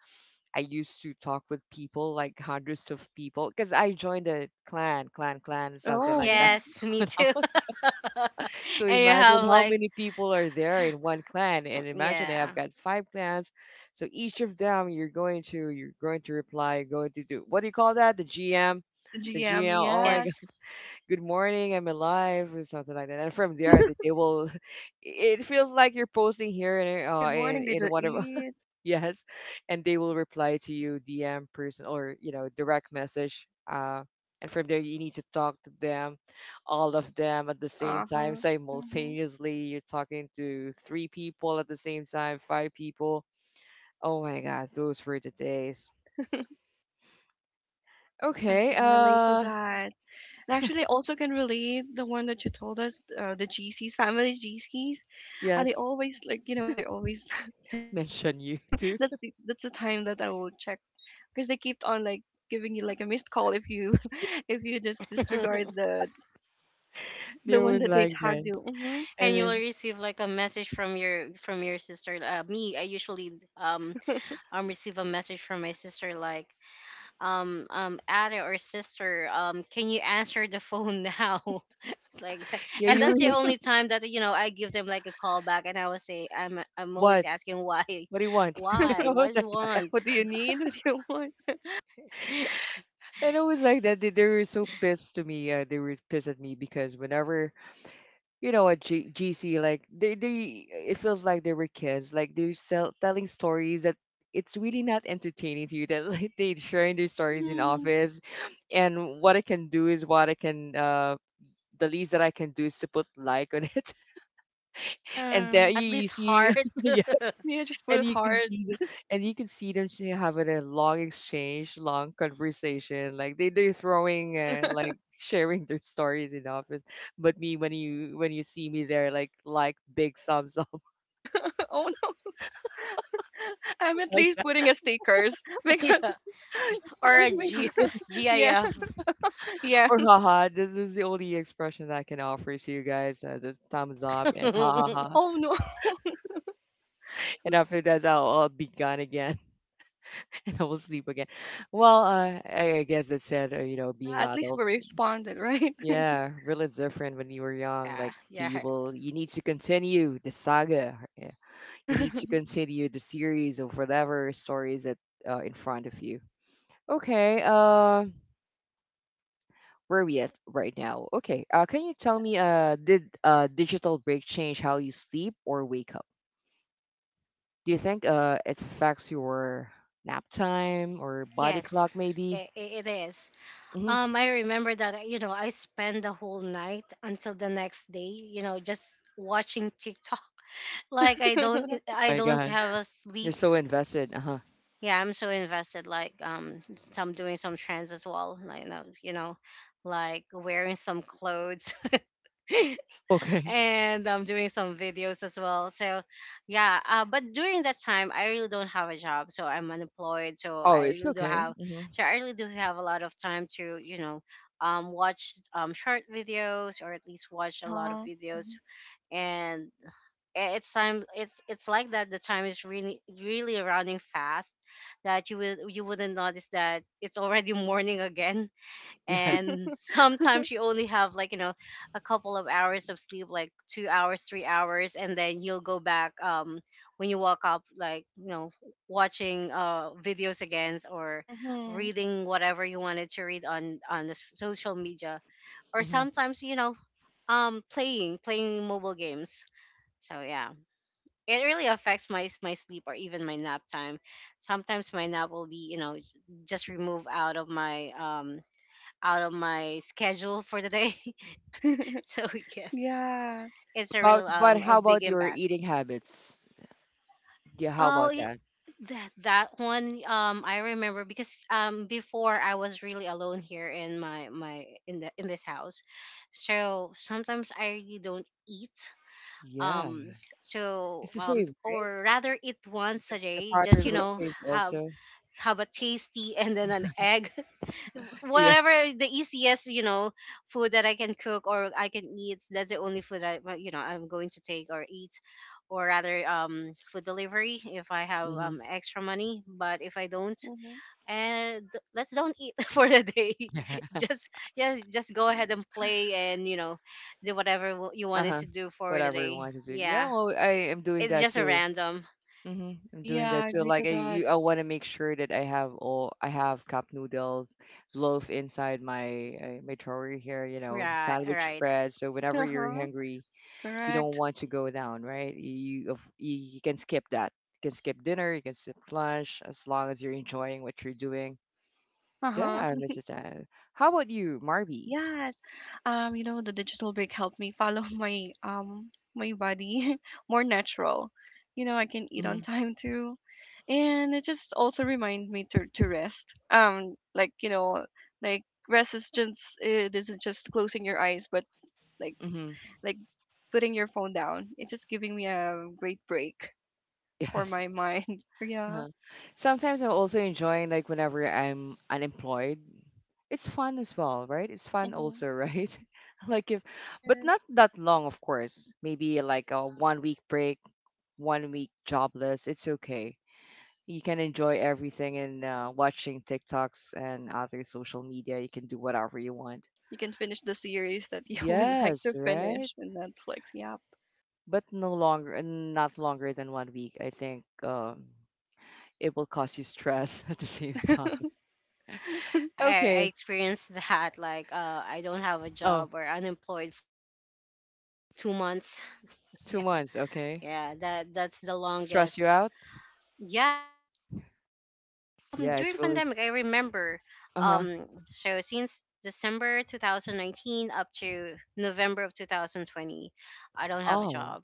I used to talk with people like hundreds of people because I joined a clan, something oh, like that. yeah, Yes, me too. So And you imagine have how like, many people are there in one clan, and imagine I've yeah. got five clans. So each of them, you're going to reply, you're going to do what do you call that? The GM, the the GM, GM. Oh my yes. God, Yes. good morning, I'm alive, or something like that. And from there, they they will. It feels like you're posting here in uh, Good in morning, did in you one of eat? yes and they will reply to you dm person or you know direct message and from there you need to talk to them all of them at the same time Uh-huh. Hmm. simultaneously you're talking to three people at the same time five people oh my god those were the days I okay can relate to that. And actually, I also can relate the one that you told us, the GCs, family GCs. And they yes always like, you know, they always like mention mention you you. too That's that's the time that I will check because they keep on like giving you like a missed call if you if you just And disregard the there one was that they like tagged that you. Hmm. and you will then receive like a message from your sister. Me, I usually um receive a message from my sister like, Ada or sister, can you answer the phone now? It's like that. yeah Yeah. And you were that's the only time that you know I give them like a call back and I will say I'm what always asking why. what do you want I Why, what was do like you want? What do you need? What do you want? and it was like that. They were so pissed to me. They were pissed at me because whenever you know at GC, like it feels like they were kids. Like they're telling stories that it's really not entertaining to you. That like they sharing their stories in Hmm. office, and what I can do is what I can. The least that I can do is to put like on it, and Yeah. At you least see, heart. Yeah. Just put and it hard. You can see them having a long exchange, long conversation. Like they're throwing like sharing their stories in the office. But me when you see me there, like big thumbs up Oh no. I'm at like least that. putting a stickers Yeah. I Or don't a know what to G- because say. yeah GIF. yeah. Or haha, this is the only expression that I can offer to you guys. The thumbs up and ha Yeah. ha ha. Oh no. And after that, I'll be gone again and I will sleep again. Well, I guess that's it. You know, Yeah. being At least adult. we responded, right? Yeah, really different when you were young. Like Yeah. you will, you need to continue the saga. Yeah. You need to continue the series of whatever stories that in front of you. Okay, where are we at right now? Okay, can you tell me, did digital break change how you sleep or wake up? Do you think it affects your nap time or body clock Yes. maybe? It is. Mm-hmm. I remember that you know I spent the whole night until the next day, you know, just watching TikTok. Like I My don't God, have a you're sleep. so invested. Uh-huh. Yeah, I'm so invested. Like some doing some trends as well. Like you know, like wearing some clothes. Okay. And I'm doing some videos as well. So, yeah. But during that time, I really don't have a job, so I'm unemployed. Oh, it's okay. Mm-hmm. So I really do have a lot of time to, you know, watch short videos, or at least Uh watch a lot of huh. videos, and it's time. It's like that. The time is really really running fast, that you wouldn't notice that it's already morning again, Yes. and sometimes you only have like you know a couple of hours of sleep, like 2 hours, 3 hours, and then you'll go back, um, when you wake up, like you know watching videos again, or Mhm. reading whatever you wanted to read on the social media, or sometimes you know playing mobile games. So yeah, it really affects my my sleep or even my nap time. Sometimes my nap will be you know just removed out of my schedule for the day. So yes, Yeah. it's a But real but a how big about your impact. eating habits? Yeah, how Oh, about that? that that one I remember because before I was really alone here in my my in the in this house. So sometimes I really don't eat, Yeah, um so it's the um, same, right? or rather eat once a The day, just you pattern will know change have also. A tasty and then an egg, Yeah. whatever the easiest you know food that I can cook or I can eat, that's the only food I, well, you know I'm going to take or eat, or rather food delivery if I have Hmm. Extra money, but if I don't, Mhm. and let's don't eat for the day. Just, yes, just go ahead and play, and you know do whatever you wanted Uh-huh. to do for the Whatever you day, want to do. yeah. Yeah, well, I am doing It's that just a too. random. Hmm. I'm doing Yeah, that I too. agree Like to that. I want to make sure that I have cup noodles, loaf inside my my drawer here. You know, Right, sandwich right. bread. So whenever Uh you're huh. hungry, you don't Correct. want to go down, right? You can skip that. You can skip dinner, you can skip lunch as long as you're enjoying what you're doing. Uh-huh. Yeah, Mrs. Tan. How about you, Marby? Yes. You know, the digital break helped me follow my my body more natural. You know, I can eat on Mm-hmm. time too. And it just also remind me to rest. Like, you know, like rest is just it isn't just closing your eyes, but like Mm-hmm. like putting your phone down. It's just giving me a great break for Yes. my mind. Yeah. Uh-huh. Sometimes I'm also enjoying like whenever I'm unemployed. It's fun as well, right? It's fun Mm-hmm. also, right? like if, It but is. not that long, of course. Maybe like a 1 week break, 1 week jobless. It's okay, you can enjoy everything and watching TikToks and other social media. You can do whatever you want. You can finish the series that you would like to Yes, right. finish in Netflix. Yeah. But no longer, not longer than 1 week. I think it will cause you stress at the same time. I Okay. experienced that, like I don't have a Oh, job or unemployed for like 2 months. Yeah, two Yeah, during, is months. it during Okay. yeah, pandemic? that that's the Hmm. Stress you longest. out? Yeah, it did. Oh, Yeah. During Yeah, pandemic, it's I really. remember. Uh huh. So since December 2019 up to November of 2020, I don't have a Oh. job.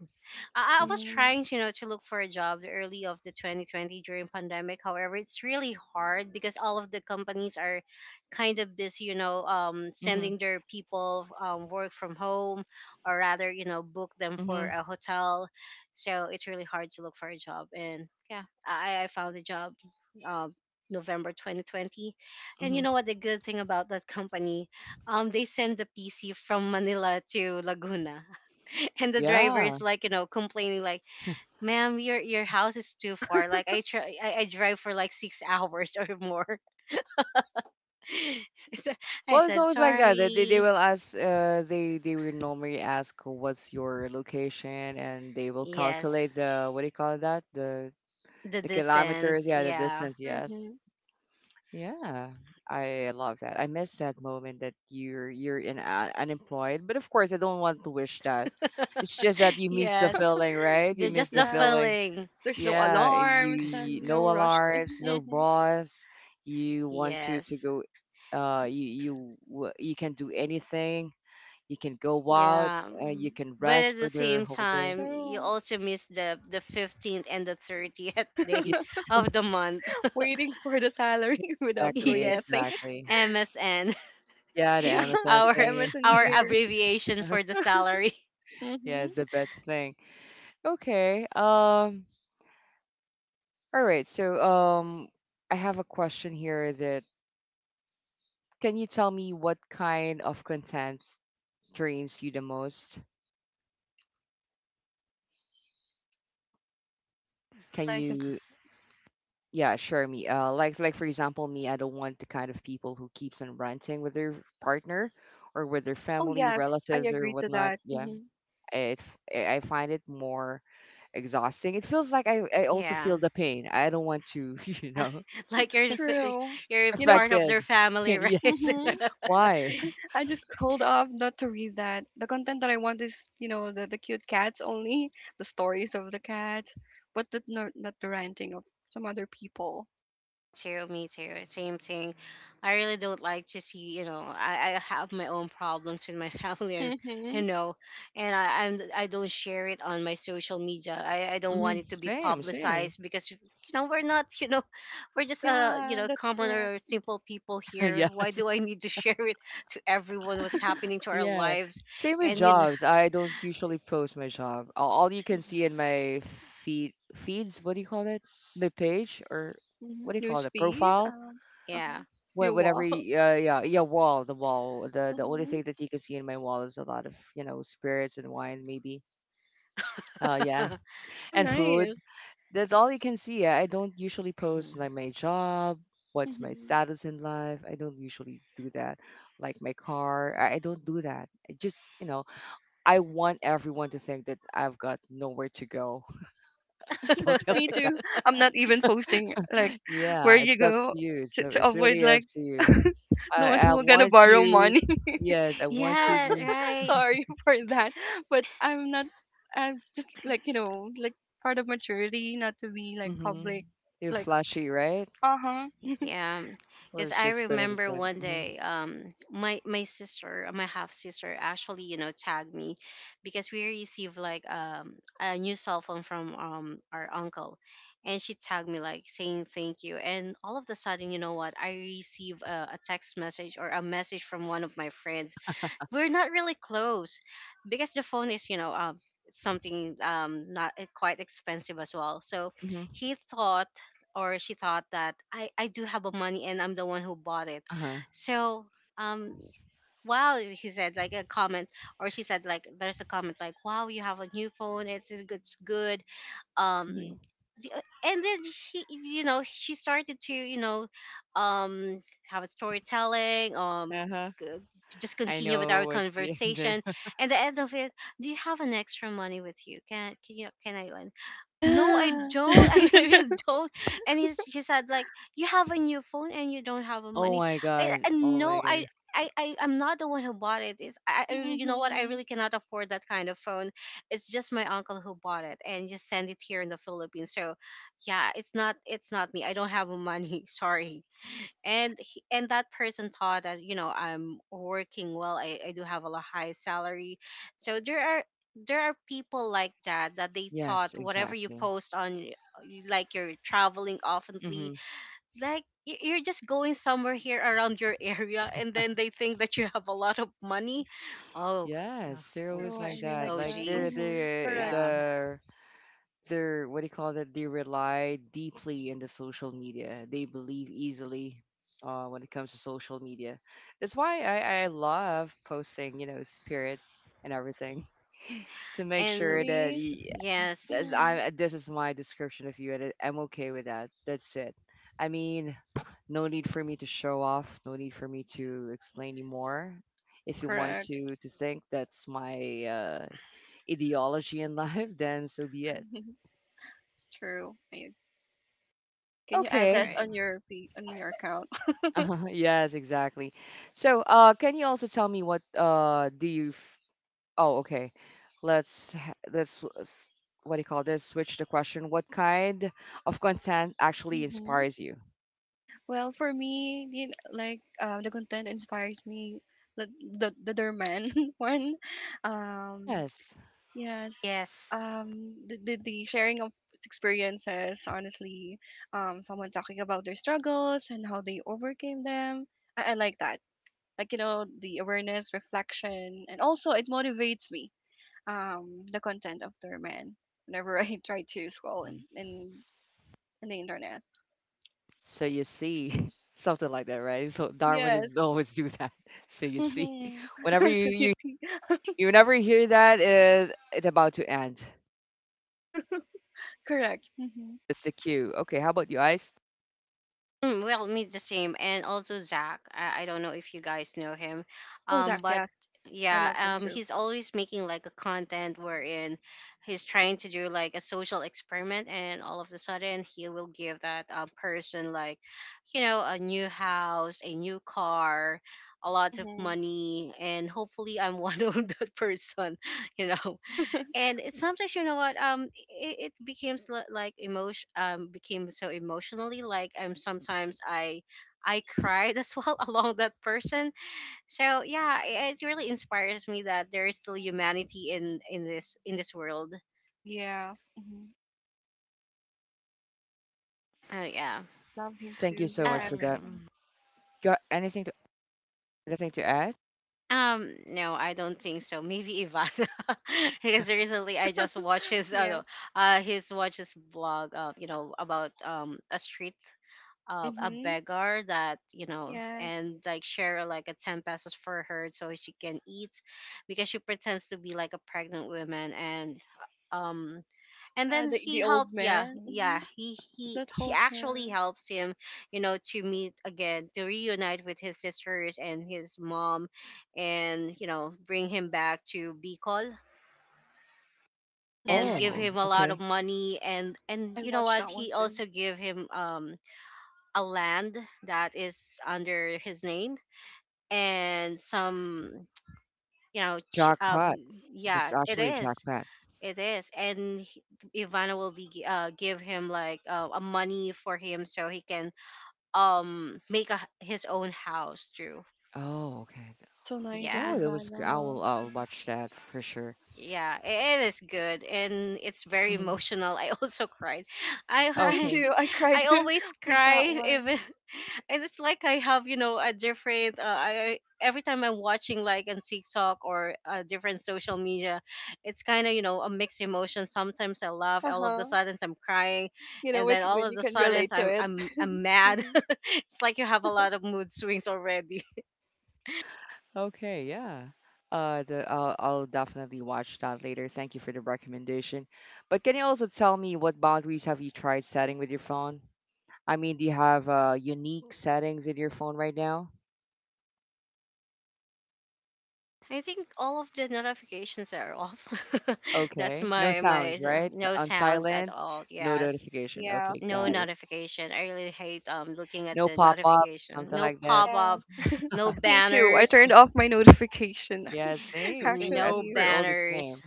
I was Mm-hmm. trying, you know, to look for a job the early of the 2020 during pandemic. However, it's really hard because all of the companies are kind of busy, you know, Mhm. sending their people work from home, or rather, you know, book them for Mhm. a hotel. So it's really hard to look for a job, and yeah, I found a job, um, November 2020. And you Mhm. know what? The good thing about that company, they send the PC from Manila to Laguna. And the driver Yeah. is like, you know, complaining like, "Ma'am, your house is too far. Like I try, I drive for like six hours or more." So I Well, it's said, always like that. They "Sorry." will ask, they will normally ask what's your location, and they will Yes, calculate the what do you call that? The the the kilometers, distance. yeah, the Yeah, distance. Yes, Mm-hmm. yeah, I love that. I miss that moment that you're in unemployed, but of course, I don't want to wish that. It's just that you miss the yes, feeling, right? You Ju- just miss the the Yeah. feeling. feeling. There's no Yeah, eh, alarms you and no no rush. alarms, no Mm-hmm. boss. You want to Yes. go. You can do anything. You can go out. Yeah. Mm, You can but rest at for the the same whole day. time, you So also miss the 15th and the 30th Yeah, day of the month. waiting for the salary without doing exactly, Yes, nothing. exactly. MSN. Yeah, the Yeah. Amazon Our thingy. Amazon here. abbreviation for the salary. Yeah, Mm-hmm. it's the best thing. Okay. All right. So I have a question here. That can you tell me what kind of content drains you the most? Can Like, you. Yeah, sure. Me, like for example, me, I don't want the kind of people who keeps on ranting with their partner or with their oh family, yes, I relatives, or agree to whatnot. that. Yeah, Mm-hmm. it I find it more exhausting. It feels like I also Yeah. feel the pain. I don't want to, you know, Like you're True. you're You know. part of affected. their family, right? Yes. Mm-hmm. Why? I just scrolled off not to read that. The content that I want is, you know, the cute cats only, the stories of the cats, but not, not the ranting of some other people. Too. Me too. Same thing. I really don't like to see, you know, I have my own problems with my family, and, you Mm-hmm. know, and I don't share it on my social media. I don't Hmm. want it to be Same, same. publicized because you know we're not, you know, we're just you Yeah, know that's common correct. or simple people here. Yeah. Why do I need to share it to everyone what's happening to our Yeah. lives? Same with And you know, jobs. I don't usually post my job. All you can see in my feeds, what do you call it? My page or Mm-hmm. what do you call News it? feed. Profile. Yeah. Uh-huh. When Your whenever wall. Wall, the only Mm-hmm. thing that you can see in my wall is a lot of you know spirits and wine maybe, uh yeah Oh, and food. nice. That's all you can see. I don't usually post like my job, what's my Mm-hmm. status in life. I don't usually do that, like my car. I don't do that. I just you know, I want everyone to think that I've got nowhere to go, something Me like that. too. I'm not even posting like where Yeah, you it's up to go you. So to it's avoid really up like to you. the one I who are gonna want borrow you. money. Yes, I want you Yeah, to. right. Sorry for that, but I'm not. I'm just like you know, like part of maturity, not to be like Mm-hmm. public, You're like flashy, right? uh huh. Yeah, because Let's I just put it this remember way. one Mm-hmm. day, my sister, my half sister, actually, tagged me, because we received like a new cell phone from our uncle, and she tagged me like saying thank you. And all of the sudden, you know what? I receive a text message or a message from one of my friends. We're not really close because the phone is, something, not quite expensive as well. So, Mm-hmm. he thought or she thought that I do have a money, and I'm the one who bought it. Uh-huh. So, um wow, he said like a comment, or she said like there's a comment, like wow, you have a new phone. It's good, it's good. um Mm-hmm. And then he, she started to, um have a storytelling. Uh-huh. g- just I continue with know our what's the ending. conversation. And the end of it, "Do you have an extra money with you? Can I lend?" No, I Yeah. don't. I really don't. And he said like, "You have a new phone and you don't have a Oh money." my god. And Oh my no, god. I'm not the one who bought it. You know what? I Mm-hmm. really cannot afford that kind of phone. It's just my uncle who bought it and just send it here in the Philippines. So, yeah, it's not me. I don't have a money. Sorry. And and that person thought that, I'm working well. I do have a high salary. So, there are people like that, that they Yes, thought whatever you exactly. post on, like you're traveling oftenly, Mm-hmm. like you're just going somewhere here around your area, and then they think that you have a lot of money. Oh yeah, Yes, they're oh always True. I like really that. like oh Like that. they're geez. Mm-hmm. they Correct. Yeah. the They're what do you call that? They rely deeply in the social media. They believe easily when it comes to social media. That's why I love posting, you know, spirits and everything to make And sure that Really. Yes, this, Mm. This is my description of you, and I'm okay with that. That's it. I mean, no need for me to show off. No need for me to explain anymore. If you want Correct. To think that's my ideology in life, then so be it. True. I, can you add that Okay, right, on your on your account? yes, exactly. So, can you also tell me what do you f oh, okay. Let's ha- let's s- what do you call this? Switch the question. What kind of content actually Mm-hmm. inspires you? Well, for me, the, like the content inspires me. The Derman one, um, Yes. yes. yes. Um, the sharing of experiences, honestly, someone talking about their struggles and how they overcame them. I like that. Like, you know, the awareness, reflection, and also it motivates me, the content of their man whenever I try to scroll Mhm. In the internet. So you see something like that, right? So Darwin is Yes. always do that. So you see, Mm-hmm. whenever you So you you see. Whenever you hear that, it's about to end. Correct. Mm-hmm. It's the cue. Okay, how about you, Ice? Mm, well, me the same, and also Zach. I don't know if you guys know him, Oh, Zach, but yes. I love him yeah, too. he's always making like a content wherein he's trying to do like a social experiment, and all of a sudden he will give that, person, like, a new house, a new car, a lot of Mm-hmm. money, and hopefully I'm one of that person, you know and sometimes, you know what, it becomes like emotion. Became so emotionally, like I'm sometimes I cried as well, along that person. So, yeah, it really inspires me that there is still humanity in this world. Yes. Hmm. Oh yeah. I love him Thank you too, so uh, much Zach. for that. um Got anything to anything to add? No, I don't think so. Maybe Ivan. Because recently I just watched his, Yeah. no, his watch, his blog, about, a street of a Mhm. beggar that, Yes. and like share like a 10 pesos for her, so she can eat. Because she pretends to be like a pregnant woman. And um and Yeah. then he The old helps. Yeah, man. yeah, Mhm. He That she holds actually her. helps him, to meet again, to reunite with his sisters and his mom, and, bring him back to Bicol, Mhm. and give Oh, him a lot of okay. money. And I you know watched what, that one he too. also give him, a land that is under his name, and some, you know ch- Jackpot. um It was yeah, it actually is Jackpot. it is And Ivana will be give him like, a money for him, so he can, make his own house too. Oh, okay. That's so nice of Yeah. Oh, that was. I Ivana. will. I'll Mm-hmm. watch that for sure. Yeah, it is good, and it's very Hmm. emotional. I also cried. I Me Okay. too. I, I cried I always with that cry, one. even. And it's like I have, a different, I every time I'm watching like on TikTok or, different social media, it's kind of, a mixed emotion. Sometimes I laugh, Uh all of the huh. sudden I'm crying, You know, and like then all when of you the can sudden relate to I'm it. I'm I'm mad. Hmm. It's like you have a lot of mood swings already. Okay. Yeah. The I'll definitely watch that later. Thank you for the recommendation. But can you also tell me what boundaries have you tried setting with your phone? I mean, do you have unique settings in your phone right now? I think all of the notifications are off. That's Okay. No my my sounds, s- right? No On sounds at silent. all. No Yes, notification. Yeah. Okay, no got it. notification. I really hate, looking at No the pop up, notification. something No like that. pop Yeah. up, no Me too. I banners, turned off my notification. Yeah, same, same. I no think Actually. we're all the same. banners.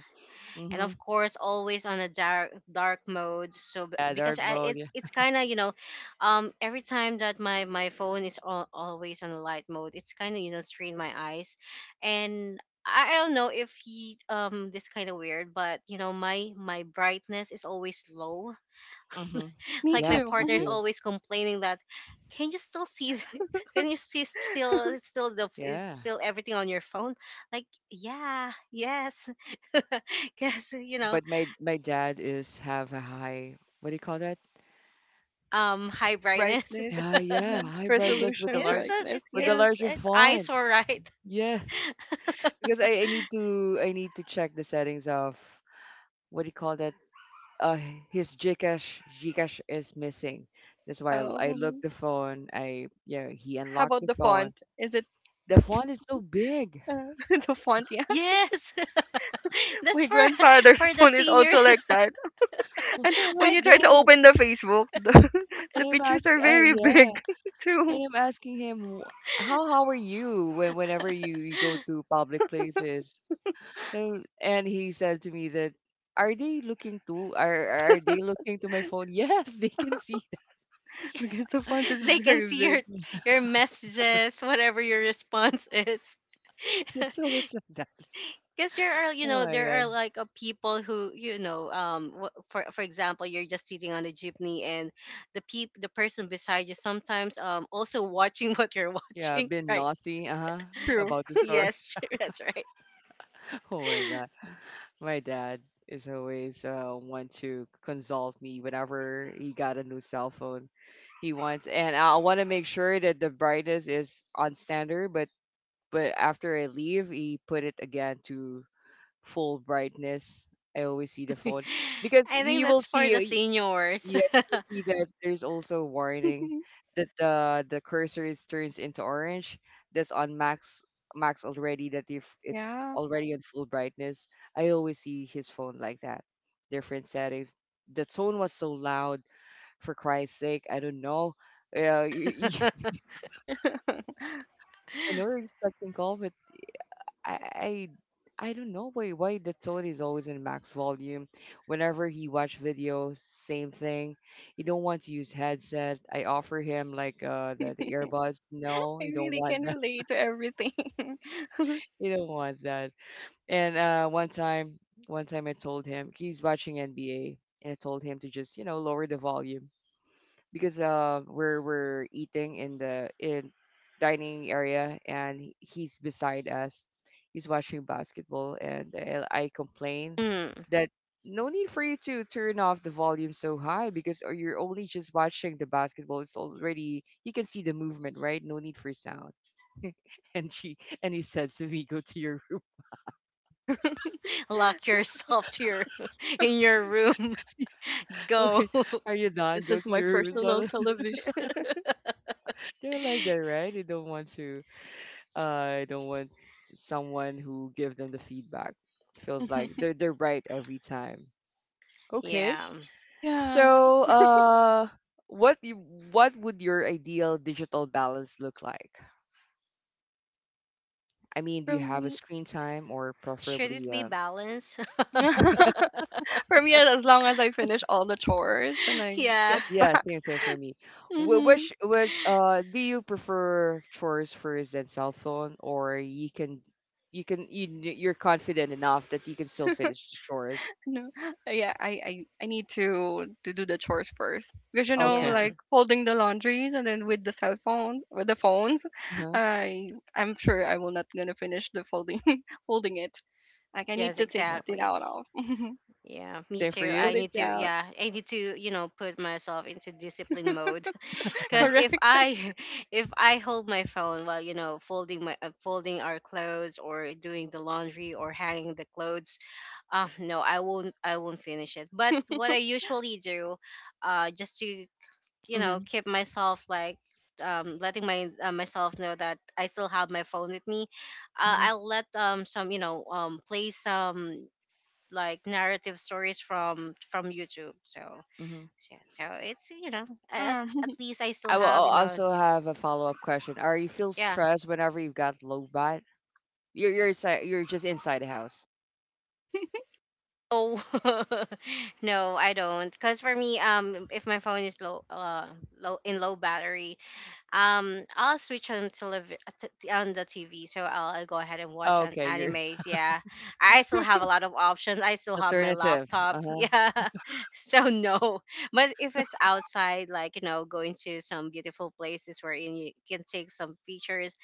And Mm-hmm. of course, always on a dark mode, so, Yeah, because dark mode. it's Yeah. it's kind of, every time that my phone is, always on a light mode, it's kind of, strain my eyes. And I don't know if he, this kind of weird, but, my brightness is always low. Mm-hmm. Me Like my Yes, too. me partner Hmm. is too. always complaining that, "Can you still see? Can you see still the is Yeah. still everything on your phone?" Like yeah, yes. Because, But my dad is have a high what do you call that? High The brightness. brightness. Yeah, yeah, Hmm. high brightness with the Resolution large it's a, brightness. it's with the Yes. Larger it's font. eyesore, right? Yes. Because I need to check the settings of what do you call that? Uh, his Gcash is missing. That's why Oh. I looked Mhm. the phone. I yeah, he How unlocked about the the phone. font? Is it The font is so big. uh, the font? Yes. That's My for, grandfather's for the phone is also seniors. like that. And I when like I you try to think. that. open the Facebook, And the I'm pictures ask, are very yeah, big too. and I'm asking him, How are you when whenever you, you go to public places? And he said to me that, are they looking to are are they looking to my phone? Yes, they can see that. Yeah, Because the font is they can very see big. your messages, whatever your response is. Yes, always like that. Because there are you Oh know my there are god. like a people who, for example, you're just sitting on a jeepney, and the person beside you sometimes, also watching what you're Yeah, watching, been right? nosy, uh-huh, True. about the story. Yes. That's right. Oh my god. My dad is always want to consult me whenever he got a new cell phone. He wants, and I want to make sure that the brightness is on standard. But after I leave, he put it again to full brightness. I always see the phone because I think you will that's for the see. seniors. Yeah, you will see that there's also a warning that the cursor is turns into orange. That's on max already. That if it's Yeah. already on full brightness, I always see his phone like that. Different settings. The tone was so loud. For Christ's sake, I don't know. Yeah, I know you're expecting call, I I don't know why the tone is always in max volume. Whenever he watch videos, same thing. He don't want to use headset. I offer him like the earbuds. No, I he don't really want can that. relate to everything. He don't want that. And one time I told him he's watching NBA and I told him to just, you know, lower the volume. Because we're eating in the in dining area and he's beside us. He's watching basketball and I complain Mm. that no need for you to turn off the volume so high. Because or you're only just watching the basketball, it's already you can see the movement, right? No need for sound. and she and he said to me, "Go to your room." Lock yourself to your in your room. Go. Okay, are you done? This Go is to my your room. personal So television. they're like that, right? They don't want to, I don't want someone who give them the feedback. Feels like they're they're right every time. Okay. Yeah, Yes. So, what you, what would your ideal digital balance look like? I mean, do For you have a me screen time or should it preferably be balanced? for me as long as I finish all the chores and I Yeah, get yeah, back. same thing for me. Wh- Hmm. Which which uh do you prefer chores first than cell phone, or you can you're confident enough that you can still finish the chores? No, yeah, I need to do the chores first because you know, yeah, Okay. like folding the laundries and then with the cell phones with the phones, Uh-huh. I'm sure I will not gonna finish the folding folding it. Like I yes, need to take Uh, it exactly. out of Yeah, me same for to too. you? put I it need to, down. yeah, I need to, put myself into discipline mode. Uh-huh. Because Correct. if I, if I hold my phone while, folding folding our clothes, or doing the laundry, or hanging the clothes, no, I won't finish it. But what I usually do, just to, Mhm, keep myself like, letting my myself know that I still have my phone with me, mhm, I'll let, some, play some like narrative stories from YouTube. Mhm. Yeah, so it's, as, Ah, at least I still I will have, al- also have a follow-up question. Are you feel yeah. stressed whenever you've got low bat? You're inside, you're just inside the house. Oh, no, I don't. Cause for me, if my phone is low, low in low battery, I'll switch on on the TV, so I'll go ahead and watch Oh, an okay, you're animes. Yeah. I still have a lot of options. I still have my alternative. laptop. Uh-huh. Yeah. So, no. But if it's outside, like, going to some beautiful places wherein you can take some pictures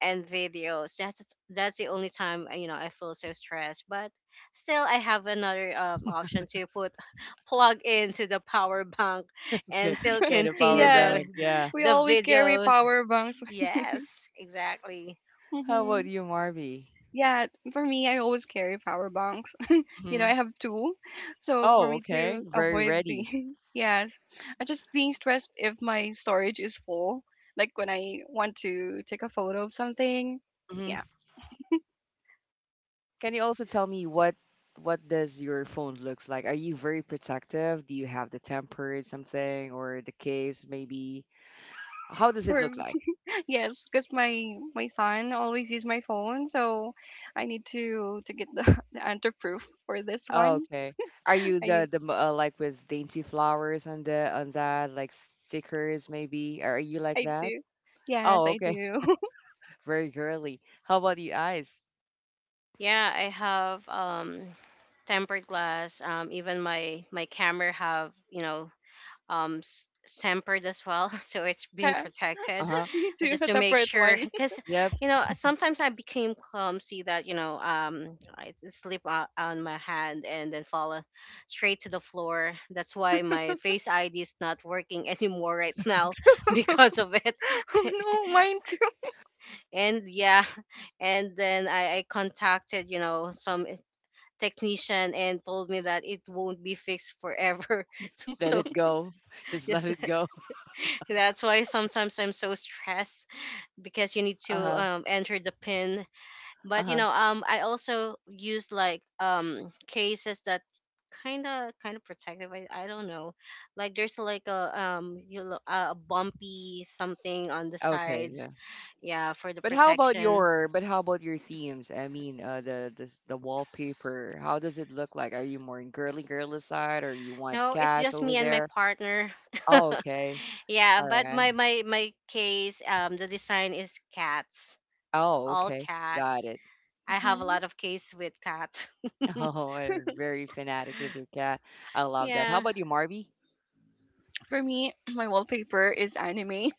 and videos. That's the only time, I feel so stressed. But still, I have another, option to put plug into the power bank Okay. and still Yeah, the continue power yes, the bank. Yeah. we the always carry videos. power banks. Yes, exactly. How about Hmm. you, Marvy? Yeah, for me, I always carry power banks. You know, I Hmm. have two. So for Oh, me okay. to Very avoid ready. the yes, I just being stressed if my storage is full. Like when I want to take a photo of something. Hmm. Yeah, Can you also tell me what does your phone looks like? Are you very protective? Do you have the tempered something or the case maybe? How does it for look like? yes, because my son always use my phone, so I need to get the the answer proof for this Oh, one. okay. Are you I the need the m- uh, like with dainty flowers on the on that like stickers maybe? Are you like I that? do. Yes, Oh, I okay. do. Very girly. How about the eyes? Yeah, I have, tempered glass. Even my camera have, um s- tempered as well, so it's being Yeah, protected. Uh-huh. me too. Just A to make separate sure, one. because, Yep. Sometimes I became clumsy that, slip, on my hand, and then fall, straight to the floor. That's why my face id is not working anymore right now, because of it. Oh no, mine too. And yeah. And then I contacted, some technician, and told me that it won't be fixed forever. Let So, it go. Just let yes. it go. That's why sometimes I'm so stressed, because you need to, Uh-huh. Enter the pin. But, Uh-huh. I also use like, cases that kind of protective. I don't know, like there's like a, a bumpy something on the Okay, yeah. sides. Yeah, for the But how about protection. your but how about your themes? I mean, the wallpaper. How does it look like? Are you more in girly girly side, or you want No, it's cats just over me and my there? partner. Oh, okay. Yeah, All but right. my case, the design is cats, Oh, all okay. Got cats. it. I have a Hmm. lot of case with cats. Oh, I'm very fanatic with your cat. I love that. How Yeah. about you, Marby? For me, my wallpaper is anime.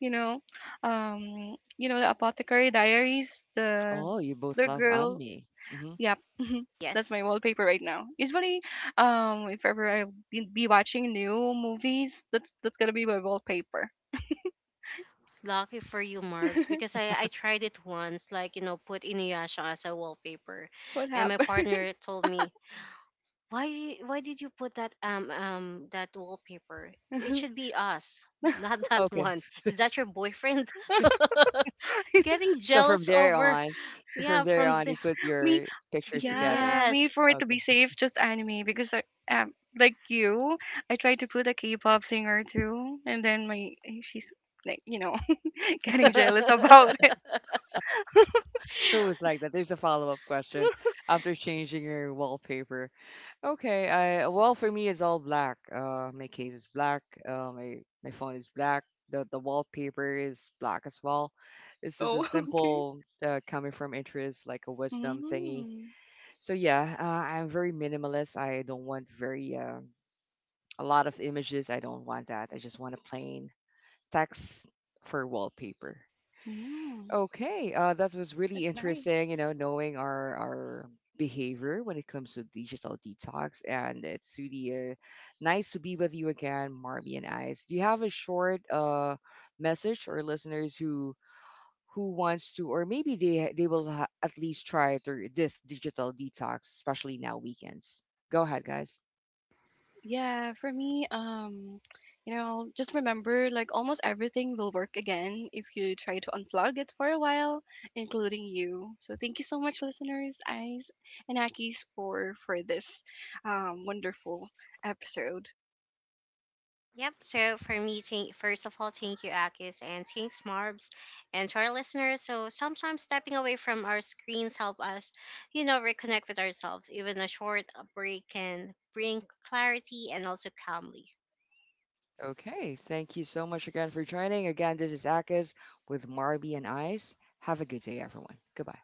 You know, you know the Apothecary Diaries, Oh, you both the love girl. anime. Hmm. Yep. That's my Yes, wallpaper right now. Usually, if ever I be watching new movies, that's gonna be my wallpaper. lucky for you, Marbs, because I tried it once, like, put Inuyasha as a wallpaper. What And my happened? partner told me, "Why why did you put that wallpaper? It should be us, not that Okay. one. Is that your boyfriend?" Getting So from jealous there over. on, so from Yeah, there from on, the. you put Me, your pictures together. yeah, me, for Yes. it to Okay. be safe just anime because i, um, like you, I tried to put a k-pop singer too and then my she's like you know, getting jealous about it. It was like that. There's a follow-up question after changing your wallpaper. Okay. I well for me it's all black. My case is black. Uh, my my phone is black. The wallpaper is black as well. This is a Oh okay. simple coming from interest, like a wisdom thingy. Mm, So yeah, I'm very minimalist. I don't want very a lot of images. I don't want that. I just want a plain text for wallpaper. mm. Okay, that was really That's nice. interesting. You know, knowing our behavior when it comes to digital detox, and it's really nice to be with you again, Marby and Ice. Do you have a short message or listeners who wants to or maybe they will at least try through this digital detox, especially now weekends, go ahead guys. Yeah, for me, you know, just remember like almost everything will work again if you try to unplug it for a while, including you. So thank you so much, listeners, Eyes and Akis, for this wonderful episode. Yep. So for me, first of all, thank you, Akis, and thanks, Marbs, and to our listeners. So sometimes stepping away from our screens help us, reconnect with ourselves. Even a short, break can bring clarity and also calmly. Okay, thank you so much again for joining again. This is Akis with Marby and Ice. Have a good day everyone. Goodbye.